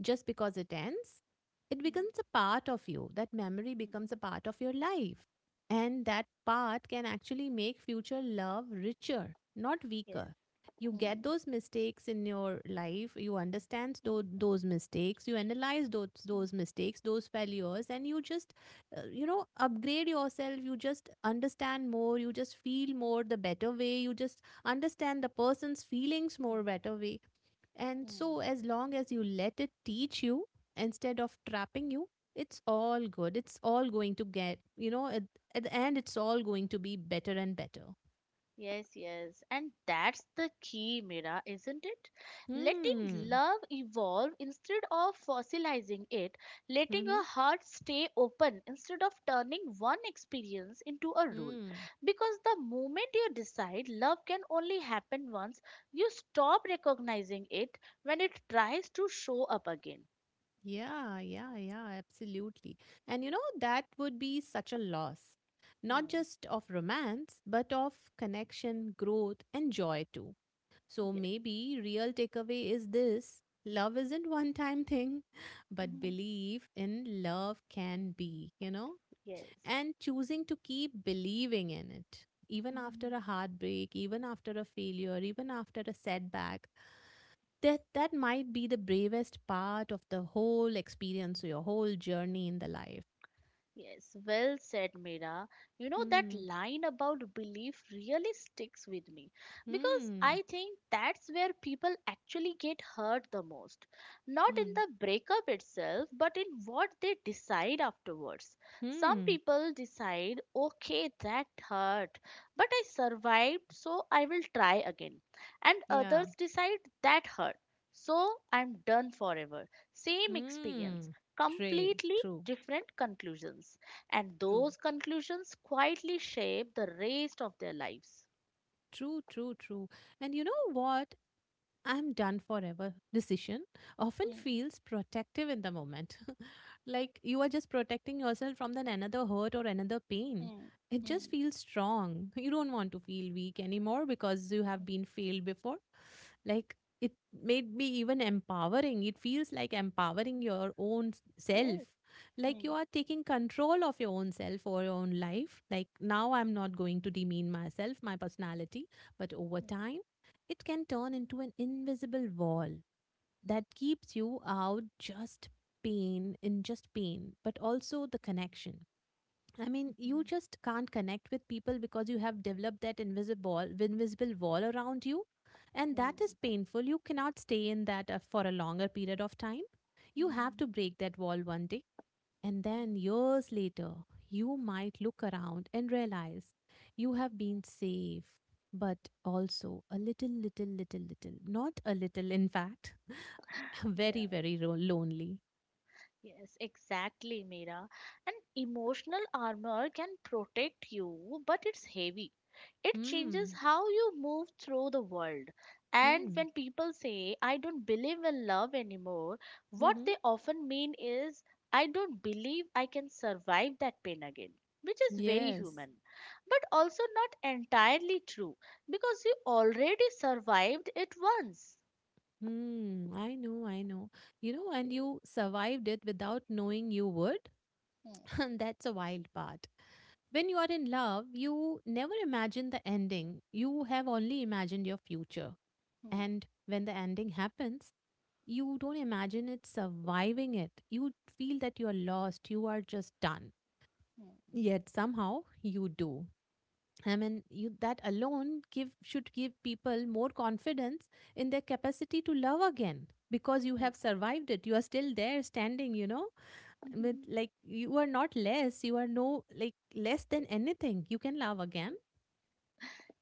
[SPEAKER 1] just because it ends. It
[SPEAKER 2] Hmm.
[SPEAKER 1] becomes a part of you. That memory becomes a part of your life. And that part can actually make future love richer, not
[SPEAKER 2] Yes.
[SPEAKER 1] weaker. You get
[SPEAKER 2] Hmm,
[SPEAKER 1] those mistakes in your life, you understand
[SPEAKER 2] hmm, hmm,
[SPEAKER 1] those mistakes, you analyze those mistakes, those failures, and you just, you know, upgrade yourself. You just understand more, you just feel more the better way, you just understand the person's feelings
[SPEAKER 2] hmm, hmm,
[SPEAKER 1] more better way, and
[SPEAKER 2] hmm.
[SPEAKER 1] so as long as you let it teach you instead of trapping you, it's all good. It's all going to get, you know, at the end, it's all going to be better and better.
[SPEAKER 2] Yes, yes. And that's the key, Mira, isn't it? Letting
[SPEAKER 1] Hmm.
[SPEAKER 2] love evolve instead of fossilizing it, letting
[SPEAKER 1] Mm-hmm.
[SPEAKER 2] a heart stay open instead of turning one experience into a rule.
[SPEAKER 1] hmm
[SPEAKER 2] Because the moment you decide love can only happen once, you stop recognizing it when it tries to show up again.
[SPEAKER 1] yeah, yeah, yeah, absolutely. And you know that would be such a loss, not
[SPEAKER 2] Hmm.
[SPEAKER 1] just of romance but of connection, growth and joy too. So
[SPEAKER 2] Yes.
[SPEAKER 1] maybe real takeaway is this: love isn't one time thing <laughs> but
[SPEAKER 2] Mhm.
[SPEAKER 1] belief in love can be
[SPEAKER 2] Yes.
[SPEAKER 1] and choosing to keep believing in it, even after
[SPEAKER 2] Mhm.
[SPEAKER 1] a heartbreak, even after a failure, even after a setback. That might be the bravest part of the whole experience, your whole journey in the life.
[SPEAKER 2] Yes, well said, Meera. You know, that
[SPEAKER 1] hmm
[SPEAKER 2] line about belief really sticks with me because
[SPEAKER 1] hmm
[SPEAKER 2] I think that's where people actually get hurt the most. Not in
[SPEAKER 1] hmm
[SPEAKER 2] the breakup itself, but in what they decide afterwards. Some
[SPEAKER 1] hmm
[SPEAKER 2] people decide, okay, that hurt, but I survived, so I will try again. And
[SPEAKER 1] yeah.
[SPEAKER 2] others decide, that hurt. So I'm done forever. Same experience,
[SPEAKER 1] hmm true,
[SPEAKER 2] completely
[SPEAKER 1] true,
[SPEAKER 2] different conclusions, and
[SPEAKER 1] true.
[SPEAKER 2] those conclusions quietly shape the rest of their lives.
[SPEAKER 1] True, true, true. And you know what? I'm done forever decision often
[SPEAKER 2] Hmm.
[SPEAKER 1] feels protective in the moment. <laughs> Like you are just protecting yourself from then another hurt or another pain.
[SPEAKER 2] Hmm.
[SPEAKER 1] It just
[SPEAKER 2] Hmm.
[SPEAKER 1] feels strong. <laughs> You don't want to feel weak anymore because you have been failed before. Like it made me even empowering. It feels like empowering your own self.
[SPEAKER 2] Yes.
[SPEAKER 1] Like you
[SPEAKER 2] Hmm.
[SPEAKER 1] are taking control of your own self or your own life. Like now I'm not going to demean myself, my personality, but over
[SPEAKER 2] Hmm.
[SPEAKER 1] time it can turn into an invisible wall that keeps you out, just pain in just pain, but also the connection. I mean, you
[SPEAKER 2] Hmm.
[SPEAKER 1] just can't connect with people because you have developed that invisible wall around you, and that is
[SPEAKER 2] Hmm.
[SPEAKER 1] painful. You cannot stay in that for a longer period of time. You have to
[SPEAKER 2] Hmm.
[SPEAKER 1] break that wall one day, and then years later, you might look around and realize you have been safe, but also a little, little, little, little, not a little, in fact, <laughs> very,
[SPEAKER 2] Hmm.
[SPEAKER 1] very lonely.
[SPEAKER 2] Yes, exactly, Mira. An emotional armor can protect you, but it's heavy. It changes
[SPEAKER 1] Hmm.
[SPEAKER 2] how you move through the world. And
[SPEAKER 1] Hmm.
[SPEAKER 2] when people say, I don't believe in love anymore, what
[SPEAKER 1] Mm-hmm.
[SPEAKER 2] they often mean is, I don't believe I can survive that pain again, which is very
[SPEAKER 1] Yes.
[SPEAKER 2] human, but also not entirely true because you already survived it once.
[SPEAKER 1] Hmm. I know. I know. You know, and you survived it without knowing you would.
[SPEAKER 2] Hmm,
[SPEAKER 1] <laughs> And that's a wild part. When you are in love, you never imagine the ending. You have only imagined your future.
[SPEAKER 2] hmm,
[SPEAKER 1] And when the ending happens, you don't imagine it surviving it. You feel that you're lost, you are just done. Yet somehow you do. I mean, you, that alone give should give people more confidence in their capacity to love again because you
[SPEAKER 2] hmm,
[SPEAKER 1] have survived it. You are still there, standing. You know, with
[SPEAKER 2] hmm. <laughs>
[SPEAKER 1] like you are not less. You are no like less than anything. You can love again.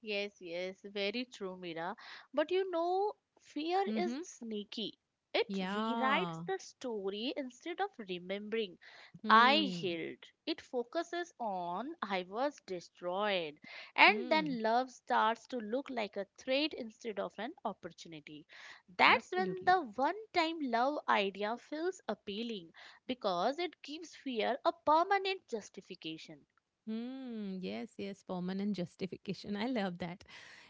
[SPEAKER 2] Yes, yes, very true, Mira. But you know, fear is
[SPEAKER 1] Mm-hmm.
[SPEAKER 2] sneaky. It rewrites
[SPEAKER 1] Yeah.
[SPEAKER 2] the story instead of remembering I
[SPEAKER 1] Hmm.
[SPEAKER 2] healed. It focuses on I was destroyed. And
[SPEAKER 1] Hmm.
[SPEAKER 2] then love starts to look like a threat instead of an opportunity. That's when
[SPEAKER 1] Absolutely.
[SPEAKER 2] the one time love idea feels appealing because it gives fear a permanent justification.
[SPEAKER 1] Hmm. Yes, yes, permanent justification. <laughs> I love that.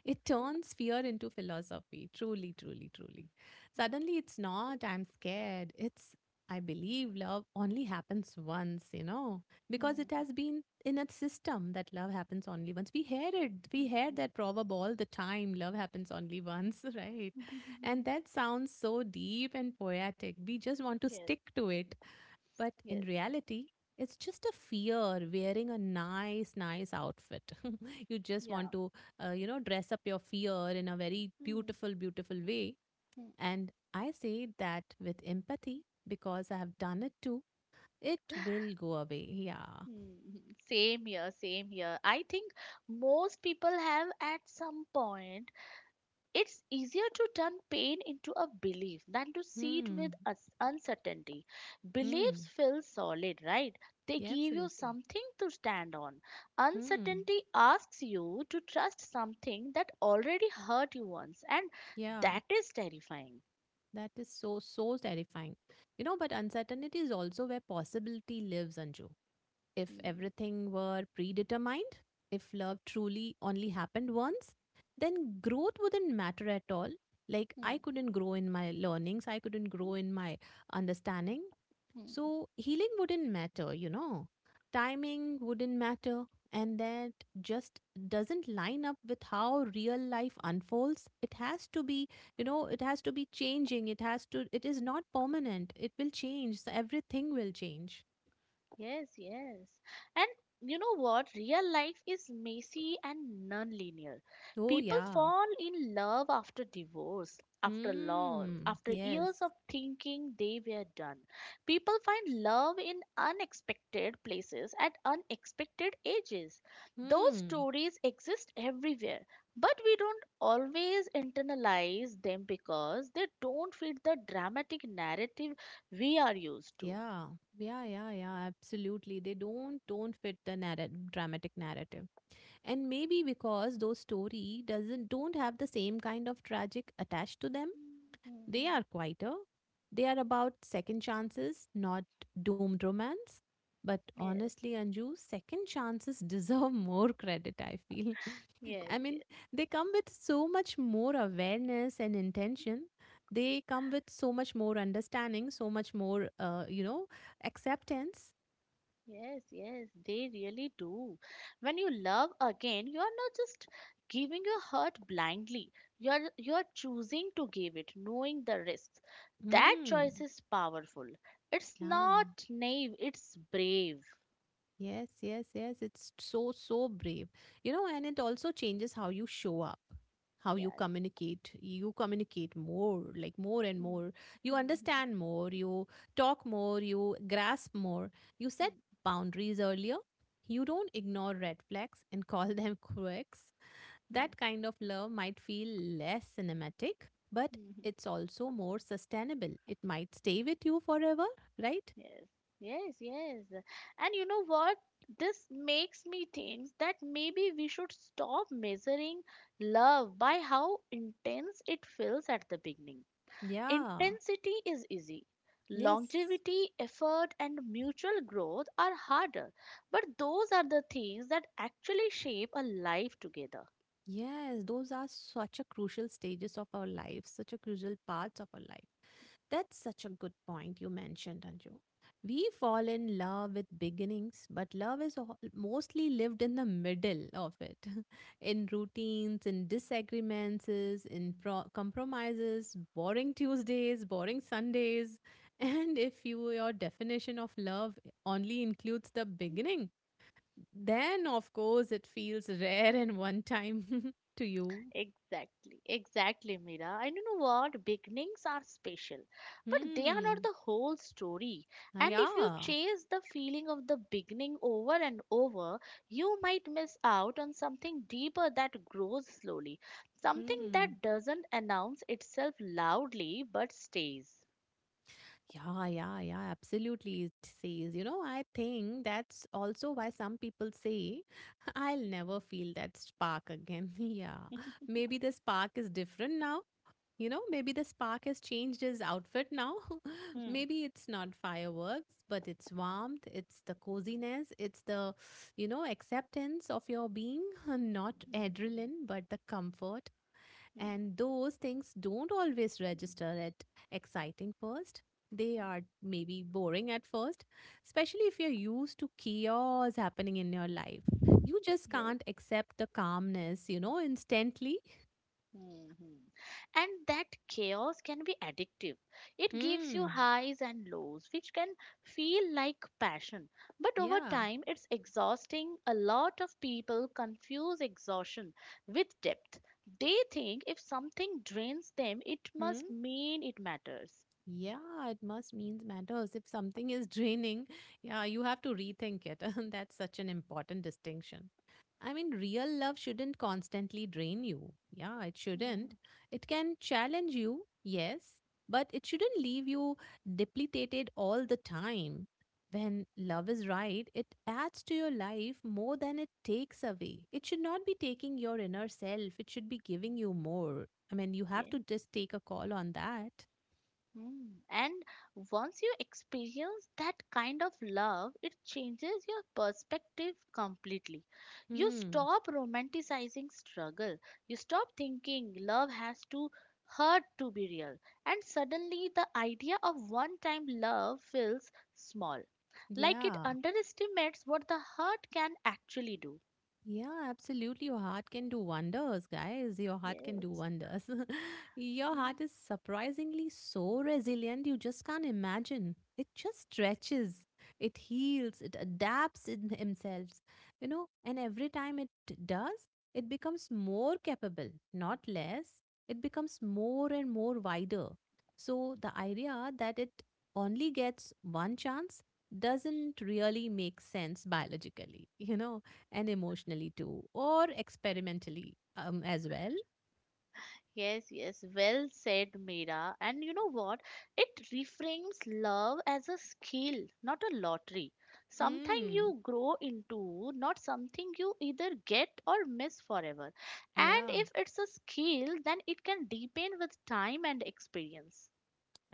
[SPEAKER 1] It turns fear into philosophy. Truly, truly, truly. Suddenly, it's not, I'm scared. It's, I believe love only happens once, you know, because
[SPEAKER 2] Hmm.
[SPEAKER 1] it has been in a system that love happens only once. We heard it. We heard that proverb all the time, love happens only once, <laughs> right? And
[SPEAKER 2] <laughs>
[SPEAKER 1] that sounds so deep and poetic. We just want to
[SPEAKER 2] Yes.
[SPEAKER 1] stick to it, but in
[SPEAKER 2] Yes.
[SPEAKER 1] reality, it's just a fear wearing a nice outfit. <laughs> You just want
[SPEAKER 2] Yeah.
[SPEAKER 1] to, you know, dress up your fear in a very
[SPEAKER 2] Hmm.
[SPEAKER 1] beautiful, beautiful way.
[SPEAKER 2] Hmm.
[SPEAKER 1] And I say that with empathy because I have done it too. It will go away. Yeah.
[SPEAKER 2] Hmm, hmm. Same here. I think most people have at some point. It's easier to turn pain into a belief than to see it
[SPEAKER 1] Hmm.
[SPEAKER 2] with us- uncertainty. Beliefs
[SPEAKER 1] Hmm.
[SPEAKER 2] feel solid, right? They
[SPEAKER 1] Yeah,
[SPEAKER 2] give you
[SPEAKER 1] absolutely.
[SPEAKER 2] something to stand on.
[SPEAKER 1] Hmm.
[SPEAKER 2] Uncertainty asks you to trust something that already hurt you once, and
[SPEAKER 1] Yeah.
[SPEAKER 2] that is terrifying.
[SPEAKER 1] That is so, so terrifying. You know, but uncertainty is also where possibility lives, Anju. If
[SPEAKER 2] Hmm.
[SPEAKER 1] everything were predetermined, if love truly only happened once, then growth wouldn't matter at all. Like, I
[SPEAKER 2] Hmm.
[SPEAKER 1] couldn't grow in my learnings, I couldn't grow in my understanding.
[SPEAKER 2] Hmm.
[SPEAKER 1] So, healing wouldn't matter, you know. Timing wouldn't matter. And that just doesn't line up with how real life unfolds. It has to be, you know, it has to be changing. It has to, it is not permanent. It will change. So everything will change.
[SPEAKER 2] Yes, yes. And you know what? Real life is messy and non-linear.
[SPEAKER 1] Oh,
[SPEAKER 2] People
[SPEAKER 1] yeah.
[SPEAKER 2] fall in love after divorce, after loss,
[SPEAKER 1] Hmm.
[SPEAKER 2] after
[SPEAKER 1] Yes.
[SPEAKER 2] years of thinking they were done. People find love in unexpected places at unexpected ages. Those
[SPEAKER 1] Hmm.
[SPEAKER 2] stories exist everywhere, but we don't always internalize them because they don't fit the dramatic narrative we are used to.
[SPEAKER 1] Yeah. Yeah. Yeah. Yeah. Absolutely. They don't fit the dramatic narrative, and maybe because those story doesn't don't have the same kind of tragic attached to them. They
[SPEAKER 2] Mhm.
[SPEAKER 1] are quieter. They are about second chances, not doomed romance. But
[SPEAKER 2] Yes,
[SPEAKER 1] honestly, Anju, second chances <laughs> deserve more credit, I feel. <laughs> I
[SPEAKER 2] yes,
[SPEAKER 1] mean,
[SPEAKER 2] yes,
[SPEAKER 1] they come with so much more awareness and intention. They come with so much more understanding, so much more, you know, acceptance.
[SPEAKER 2] yes, yes, they really do. When you love again, you are not just giving your heart blindly. You are choosing to give it, knowing the risks. That
[SPEAKER 1] Hmm.
[SPEAKER 2] choice is powerful. It's
[SPEAKER 1] Yeah.
[SPEAKER 2] not naive, it's brave.
[SPEAKER 1] Yes, yes, yes. It's so, so brave. You know, and it also changes how you show up, how you
[SPEAKER 2] Yes.
[SPEAKER 1] communicate. You communicate more, like more and
[SPEAKER 2] Hmm.
[SPEAKER 1] more. You
[SPEAKER 2] Hmm, hmm,
[SPEAKER 1] understand more, you talk more, you grasp more. You set
[SPEAKER 2] hmm,
[SPEAKER 1] boundaries earlier. You don't ignore red flags and <laughs> call them quirks.
[SPEAKER 2] hmm,
[SPEAKER 1] That kind of love might feel less cinematic, but
[SPEAKER 2] hmm, hmm.
[SPEAKER 1] it's also more sustainable. It might stay with you forever, right?
[SPEAKER 2] Yes, yes, yes. And you know what? This makes me think that maybe we should stop measuring love by how intense it feels at the beginning.
[SPEAKER 1] Yeah.
[SPEAKER 2] Intensity is easy.
[SPEAKER 1] Yes.
[SPEAKER 2] Longevity, effort, and mutual growth are harder. But those are the things that actually shape a life together.
[SPEAKER 1] Yes, those are such a crucial stages of our life, such a crucial parts of our life. That's such a good point you mentioned, Anju. We fall in love with beginnings, but love is mostly lived in the middle of it, <laughs> in routines, in disagreements, in compromises, boring Tuesdays, boring Sundays. <laughs> And if you, your definition of love only includes the beginning, then, of course, it feels rare and one time <laughs> to you.
[SPEAKER 2] Exactly, exactly, Mira. And you know what? Beginnings are special, but they are not
[SPEAKER 1] Hmm.
[SPEAKER 2] the whole story.
[SPEAKER 1] Ah,
[SPEAKER 2] And if you
[SPEAKER 1] yeah.
[SPEAKER 2] chase the feeling of the beginning over and over, you might miss out on something deeper that grows slowly, something
[SPEAKER 1] Hmm.
[SPEAKER 2] that doesn't announce itself loudly but stays.
[SPEAKER 1] Yeah, yeah, yeah, absolutely. It says, you know, I think that's also why some people say, <laughs> I'll never feel that spark again. <laughs> Yeah. Maybe the spark is different now. You know, maybe the spark has changed his outfit now. <laughs>
[SPEAKER 2] Hmm.
[SPEAKER 1] Maybe it's not fireworks, but it's warmth, it's the coziness, it's the, you know, acceptance of your being, <laughs> not
[SPEAKER 2] Hmm.
[SPEAKER 1] adrenaline, but the comfort.
[SPEAKER 2] Hmm.
[SPEAKER 1] And those things don't always register at exciting first. They are maybe boring at first, especially if you're used to chaos happening in your life. You just
[SPEAKER 2] Yes.
[SPEAKER 1] can't accept the calmness, you know, instantly.
[SPEAKER 2] Mhm. And that chaos can be addictive. It gives you
[SPEAKER 1] Mm,
[SPEAKER 2] highs and lows, which can feel like passion. But over
[SPEAKER 1] yeah.
[SPEAKER 2] time, it's exhausting. A lot of people confuse exhaustion with depth. They think if something drains them, it
[SPEAKER 1] Hmm.
[SPEAKER 2] must mean it matters.
[SPEAKER 1] Yeah, it must means matters. If something is draining, yeah, you have to rethink it. <laughs> That's such an important distinction. I mean, real love shouldn't constantly drain you. Yeah, it shouldn't.
[SPEAKER 2] Mhm.
[SPEAKER 1] It can challenge you, yes, but it shouldn't leave you depleted all the time. When love is right, it adds to your life more than it takes away. It should not be taking your inner self, it should be giving you more. I mean, you have
[SPEAKER 2] Yes.
[SPEAKER 1] to just take a call on that.
[SPEAKER 2] Mm. And once you experience that kind of love, it changes your perspective completely. You
[SPEAKER 1] Hmm.
[SPEAKER 2] stop romanticizing struggle. You stop thinking love has to hurt to be real. And suddenly, the idea of one time love feels small, like it
[SPEAKER 1] Yeah,
[SPEAKER 2] underestimates what the hurt can actually do.
[SPEAKER 1] yeah, absolutely. Your heart can do wonders, guys. Your heart can do
[SPEAKER 2] Yes.
[SPEAKER 1] wonders. <laughs> Your heart is surprisingly so resilient, you just can't imagine. It just stretches, it heals, it adapts in <laughs> themselves, you know, and every time it does, it becomes more capable, not less. It becomes more and more wider. So the idea that it only gets one chance doesn't really make sense biologically <laughs> you know, and emotionally too, or experimentally as well.
[SPEAKER 2] Yes, yes, well said, Meera. And you know what? It reframes love as a skill, not a lottery. Something
[SPEAKER 1] Hmm.
[SPEAKER 2] you grow into, not something you either get or miss forever. And
[SPEAKER 1] Yeah.
[SPEAKER 2] if it's a skill, then it can deepen with time and experience.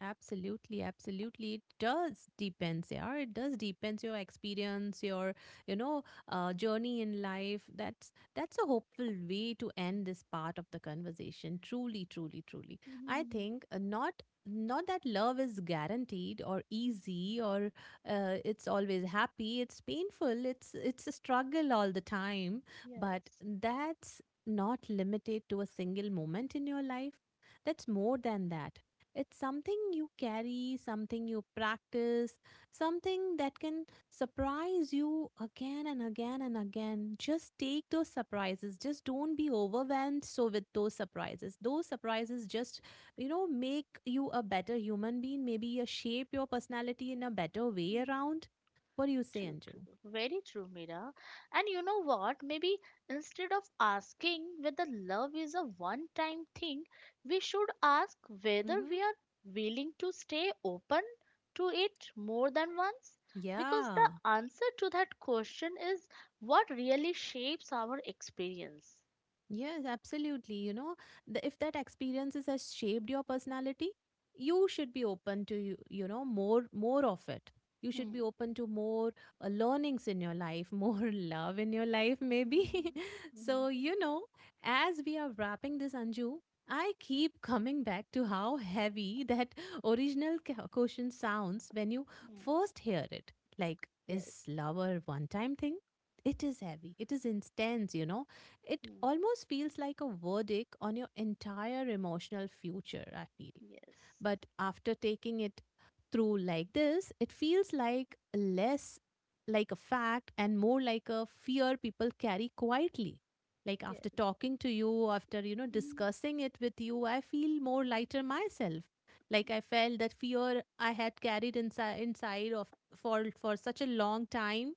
[SPEAKER 1] Absolutely, absolutely. It does depends, yeah. It does depends your experience, your you know journey in life. That's a hopeful way to end this part of the conversation. Truly, truly, truly. I think
[SPEAKER 2] <laughs>
[SPEAKER 1] not that love is guaranteed or easy or it's always happy. It's painful. It's a struggle all the time. But
[SPEAKER 2] Yes.
[SPEAKER 1] that's not limited to a single moment in your life. That's more than that, it's something you carry, something you practice, something that can surprise you again and again and again. Just take those surprises. Just don't be overwhelmed so with those surprises. Those surprises just, you know, make you a better human being, maybe shape your personality in a better way
[SPEAKER 2] Hmm.
[SPEAKER 1] around. What do you say,
[SPEAKER 2] True,
[SPEAKER 1] Anju?
[SPEAKER 2] true. Very true, Mira. And you know what? Maybe instead of asking whether love is a one time thing, we should ask whether
[SPEAKER 1] Mm-hmm.
[SPEAKER 2] we are willing to stay open to it more than once. Because the
[SPEAKER 1] Yeah.
[SPEAKER 2] answer to that question is what really shapes our experience.
[SPEAKER 1] Yes, absolutely. You know, the, if that experiences has shaped your personality, you should be open to you, you know, more of it. You should be
[SPEAKER 2] Hmm.
[SPEAKER 1] open to more learnings in your life, more <laughs> love in your life, maybe.
[SPEAKER 2] Mhm.
[SPEAKER 1] <laughs>
[SPEAKER 2] Mhm.
[SPEAKER 1] So you know, as we are wrapping this, Anju, I keep coming back to how heavy that <laughs> original question sounds when you
[SPEAKER 2] Mm,
[SPEAKER 1] first hear it. Like,
[SPEAKER 2] yes.
[SPEAKER 1] is love a one-time thing? It is heavy. It is intense. You know it
[SPEAKER 2] Mhm.
[SPEAKER 1] almost feels like a verdict on your entire emotional future, I feel.
[SPEAKER 2] Yes,
[SPEAKER 1] But after taking it through like this, it feels like less like a fact and more like a fear people carry quietly. Like after
[SPEAKER 2] yes.
[SPEAKER 1] talking to you, after you know
[SPEAKER 2] Mhm.
[SPEAKER 1] discussing it with you, I feel more lighter myself. Like I felt that fear I had carried inside, inside of for such a long time,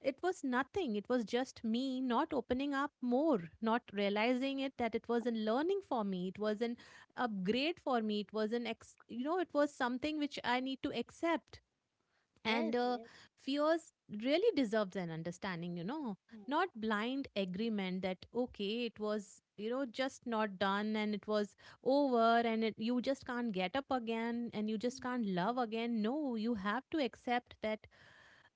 [SPEAKER 1] it was nothing. It was just me not opening up more, not realizing it that it was not learning for me. It was an upgrade for me. It was an you know, it was something which I need to accept. And
[SPEAKER 2] Yes, yes.
[SPEAKER 1] fears really deserves an understanding, you know,
[SPEAKER 2] Mm.
[SPEAKER 1] not blind agreement that okay, it was you know just not done and it was over and it, you just can't get up again and you just
[SPEAKER 2] Mhm.
[SPEAKER 1] can't love again. No, you have to accept that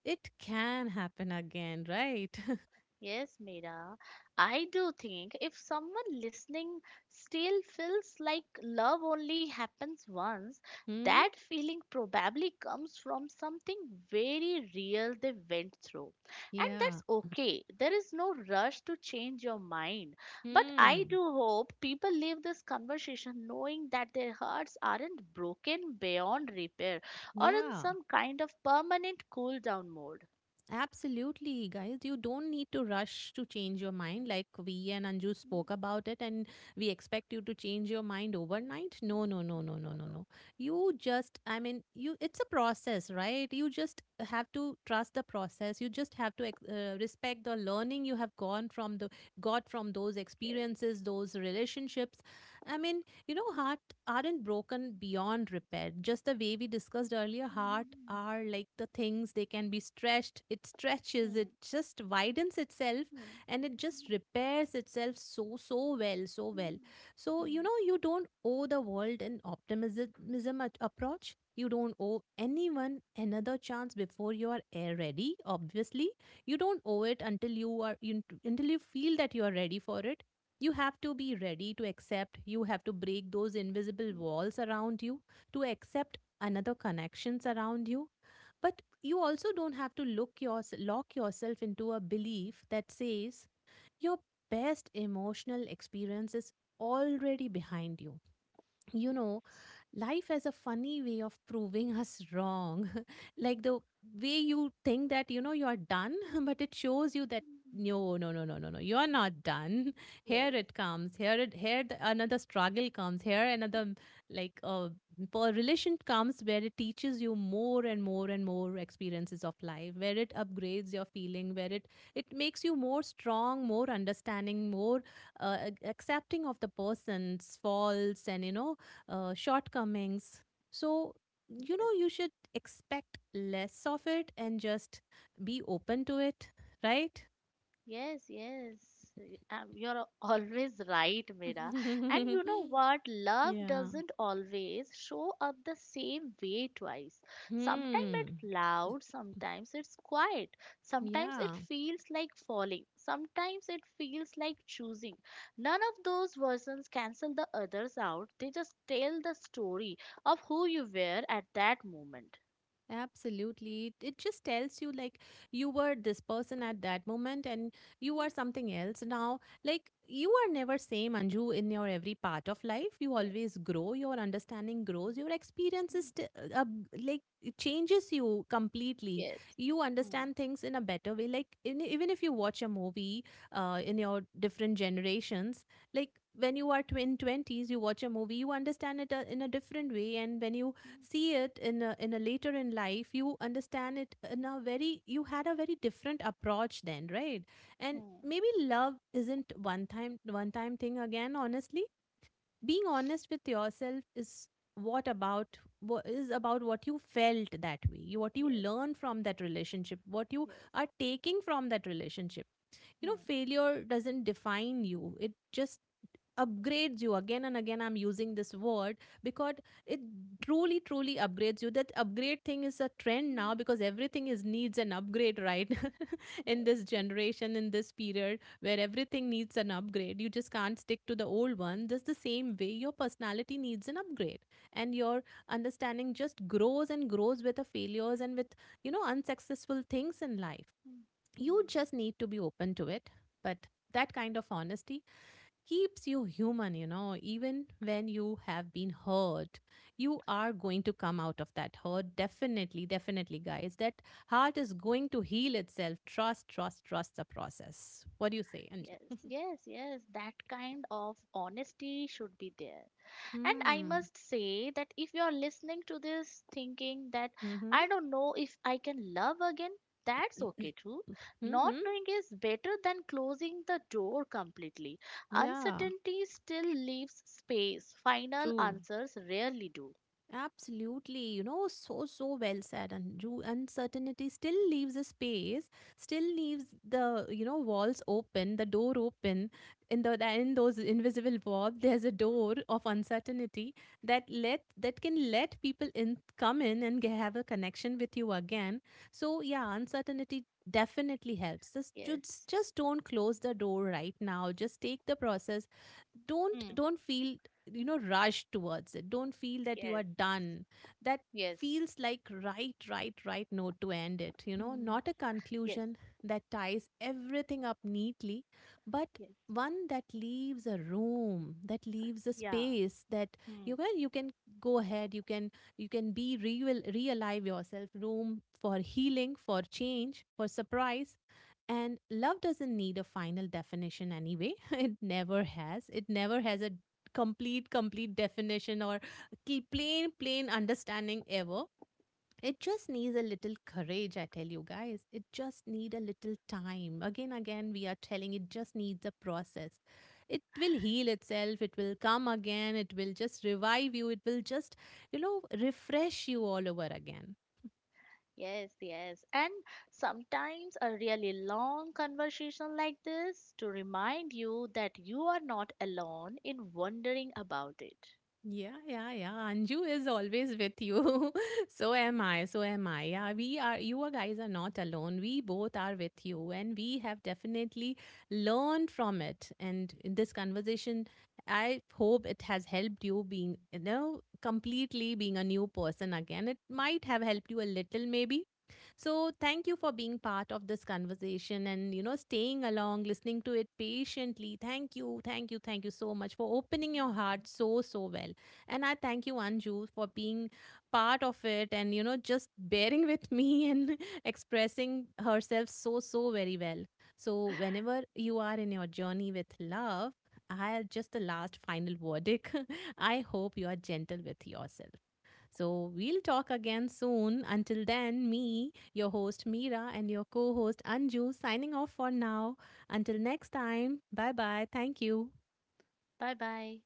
[SPEAKER 1] it can happen again, right? <laughs>
[SPEAKER 2] Yes, Mira, I do think if someone listening still feels like love only happens once,
[SPEAKER 1] Hmm?
[SPEAKER 2] that feeling probably comes from something very real they went through. And
[SPEAKER 1] Yeah.
[SPEAKER 2] that's okay. There is no rush to change your mind. But I
[SPEAKER 1] Hmm.
[SPEAKER 2] do hope people leave this conversation knowing that their hearts aren't broken beyond repair or in
[SPEAKER 1] Yeah.
[SPEAKER 2] some kind of permanent cool down mode.
[SPEAKER 1] Absolutely, guys. You don't need to rush to change your mind like we and Anju
[SPEAKER 2] Mm,
[SPEAKER 1] spoke about it, and we expect you to change your mind overnight. No, no, no, no,
[SPEAKER 2] mm.
[SPEAKER 1] no,
[SPEAKER 2] No,
[SPEAKER 1] no,
[SPEAKER 2] no.
[SPEAKER 1] no. You just, I mean, you, it's a process, right? You just have to trust the process. You just have to respect the learning you have gone got from those
[SPEAKER 2] Yes.
[SPEAKER 1] experiences, those relationships. I mean, Heart aren't broken beyond repair. Just the way we discussed earlier, heart
[SPEAKER 2] Hmm.
[SPEAKER 1] are like the things they can be stretched. It stretches, it just widens itself
[SPEAKER 2] Hmm.
[SPEAKER 1] and it just repairs itself so, so well, so well. So, you know, you don't owe the world an approach. You don't owe anyone another chance before you are air ready, obviously. You don't owe it until until you feel that you are ready for it. You have to be ready to accept, you have to break those invisible walls around you, to accept another connections around you. But you also don't have to lock yourself into a belief that says your best emotional experience is already behind you. You know, life has a funny way of proving us wrong. <laughs> Like the way you think that, you know, you're done, <laughs> but it shows you that
[SPEAKER 2] Hmm.
[SPEAKER 1] no, no, no, no, no, no, you're not done. <laughs> Here
[SPEAKER 2] Yes.
[SPEAKER 1] it comes. Here it, here the, Another struggle comes. Here another, like uh, per relation comes where it teaches you more and more and more experiences of life, where it upgrades your feeling, where it makes you more strong, more understanding, more accepting of the person's faults and you know shortcomings. So, you know, you should expect less of it and just be open to it, right?
[SPEAKER 2] Yes, yes. You're always right, Mira. And you know
[SPEAKER 1] <laughs>
[SPEAKER 2] what? Love
[SPEAKER 1] Yeah.
[SPEAKER 2] doesn't always show up the same way twice. Sometimes
[SPEAKER 1] Hmm.
[SPEAKER 2] it's loud, sometimes it's quiet, sometimes it
[SPEAKER 1] Yeah.
[SPEAKER 2] feels like falling, sometimes it feels like choosing. None of those versions cancel the others out, they just tell the story of who you were at that moment.
[SPEAKER 1] Absolutely. It just tells you like you were this person at that moment and you are
[SPEAKER 2] Mm,
[SPEAKER 1] something else now. Like you are never same Anju in your every part of life. You
[SPEAKER 2] yes,
[SPEAKER 1] always grow, your understanding grows, your experience
[SPEAKER 2] mm,
[SPEAKER 1] is like it changes you completely.
[SPEAKER 2] yes.
[SPEAKER 1] You
[SPEAKER 2] Mm,
[SPEAKER 1] understand things in a better way. Even if you watch a movie
[SPEAKER 2] mm,
[SPEAKER 1] in your different generations, like when you are twin 20s, you watch a movie, you understand it in a different way. And when you
[SPEAKER 2] mm,
[SPEAKER 1] see it in in a later in life, you understand it in a very, you had a very different approach then, right? And
[SPEAKER 2] mm.
[SPEAKER 1] maybe love isn't one time thing again, honestly. Being honest with yourself is what about what is about what you felt, that way you, what you
[SPEAKER 2] Yes,
[SPEAKER 1] learned from that relationship, what you
[SPEAKER 2] yes.
[SPEAKER 1] are taking from that relationship. You know,
[SPEAKER 2] Hmm.
[SPEAKER 1] failure doesn't define you, it just upgrades you again and again. I'm using this word because it truly upgrades you. That upgrade thing is a trend now because everything is needs an upgrade, right? <laughs> In
[SPEAKER 2] Yes,
[SPEAKER 1] this
[SPEAKER 2] yes.
[SPEAKER 1] generation, in this period where everything needs an upgrade, you just can't stick to the old one. Just the same way your personality needs an upgrade and your understanding just grows and grows with the failures and with, you know, unsuccessful things in life.
[SPEAKER 2] Hmm.
[SPEAKER 1] You
[SPEAKER 2] Mm.
[SPEAKER 1] just need to be open to it. But that kind of honesty keeps you human, you know, even when you have been hurt, you are going to come out of that hurt. Definitely, definitely, guys. That heart is going to heal itself. Trust, trust, trust the process. What do you say,
[SPEAKER 2] Yes,
[SPEAKER 1] Anju? <laughs>
[SPEAKER 2] yes, yes. That kind of honesty should be there. And I
[SPEAKER 1] Hmm.
[SPEAKER 2] must say that if you're listening to this thinking that
[SPEAKER 1] Mm-hmm.
[SPEAKER 2] I don't know if I can love again, that's okay
[SPEAKER 1] <clears throat>
[SPEAKER 2] too. Not
[SPEAKER 1] Mm-hmm.
[SPEAKER 2] knowing is better than closing the door completely.
[SPEAKER 1] Yeah,
[SPEAKER 2] Uncertainty still leaves space. Final
[SPEAKER 1] true.
[SPEAKER 2] answers rarely do.
[SPEAKER 1] Absolutely, you know, so so well said. And you, uncertainty still leaves a space, still leaves the, you know, walls open, the door open. In those invisible walls, there's a door of uncertainty that let that can let people in, come in and have a connection with you again. So yeah, uncertainty definitely helps.
[SPEAKER 2] Yes.
[SPEAKER 1] Just don't close the door right now. Just take the process,
[SPEAKER 2] Hmm.
[SPEAKER 1] don't feel, you know, rush towards it. Don't feel that you are
[SPEAKER 2] Yes.
[SPEAKER 1] done, that
[SPEAKER 2] Yes.
[SPEAKER 1] feels like right note to end it, you know,
[SPEAKER 2] Hmm.
[SPEAKER 1] not a
[SPEAKER 2] Yes.
[SPEAKER 1] conclusion that ties everything up neatly, but
[SPEAKER 2] Yes.
[SPEAKER 1] one that leaves a room, that leaves a
[SPEAKER 2] Yeah.
[SPEAKER 1] space that
[SPEAKER 2] Hmm.
[SPEAKER 1] you can go ahead, you can be realive yourself room for healing, for change, for surprise. And love doesn't need a final definition anyway. <laughs> It never has a complete definition or plain understanding ever. It just needs a little courage, I tell you guys, it just need a little time. Again, we are telling, it just needs a process. It will heal itself, it will come again, it will just revive you, it will just, you know, refresh you all over again.
[SPEAKER 2] Yes, yes. And sometimes a really long conversation like this to remind you that you are not alone in wondering about it.
[SPEAKER 1] Yeah, yeah, yeah. Anju is always with you. <laughs> So am I. So am I. Yeah, we are, you are guys are not alone. We both are with you, and we have definitely learned from it. And in this conversation, I hope it has helped you being, you know, completely being a new person again. It might have helped you a little, maybe. So thank you for being part of this conversation and, you know, staying along, listening to it patiently. Thank you, thank you, thank you so much for opening your heart so so well. And I thank you, Anju, for being part of it and, you know, just bearing <laughs> with me and <laughs> expressing herself so, so very well. So, whenever you are in your journey with love, I just the last final verdict. <laughs> I hope you are gentle with yourself. So, we'll talk again soon. Until then, me, your host Meera, and your co host Anju signing off for now. Until next time, bye bye. Thank you.
[SPEAKER 2] Bye bye.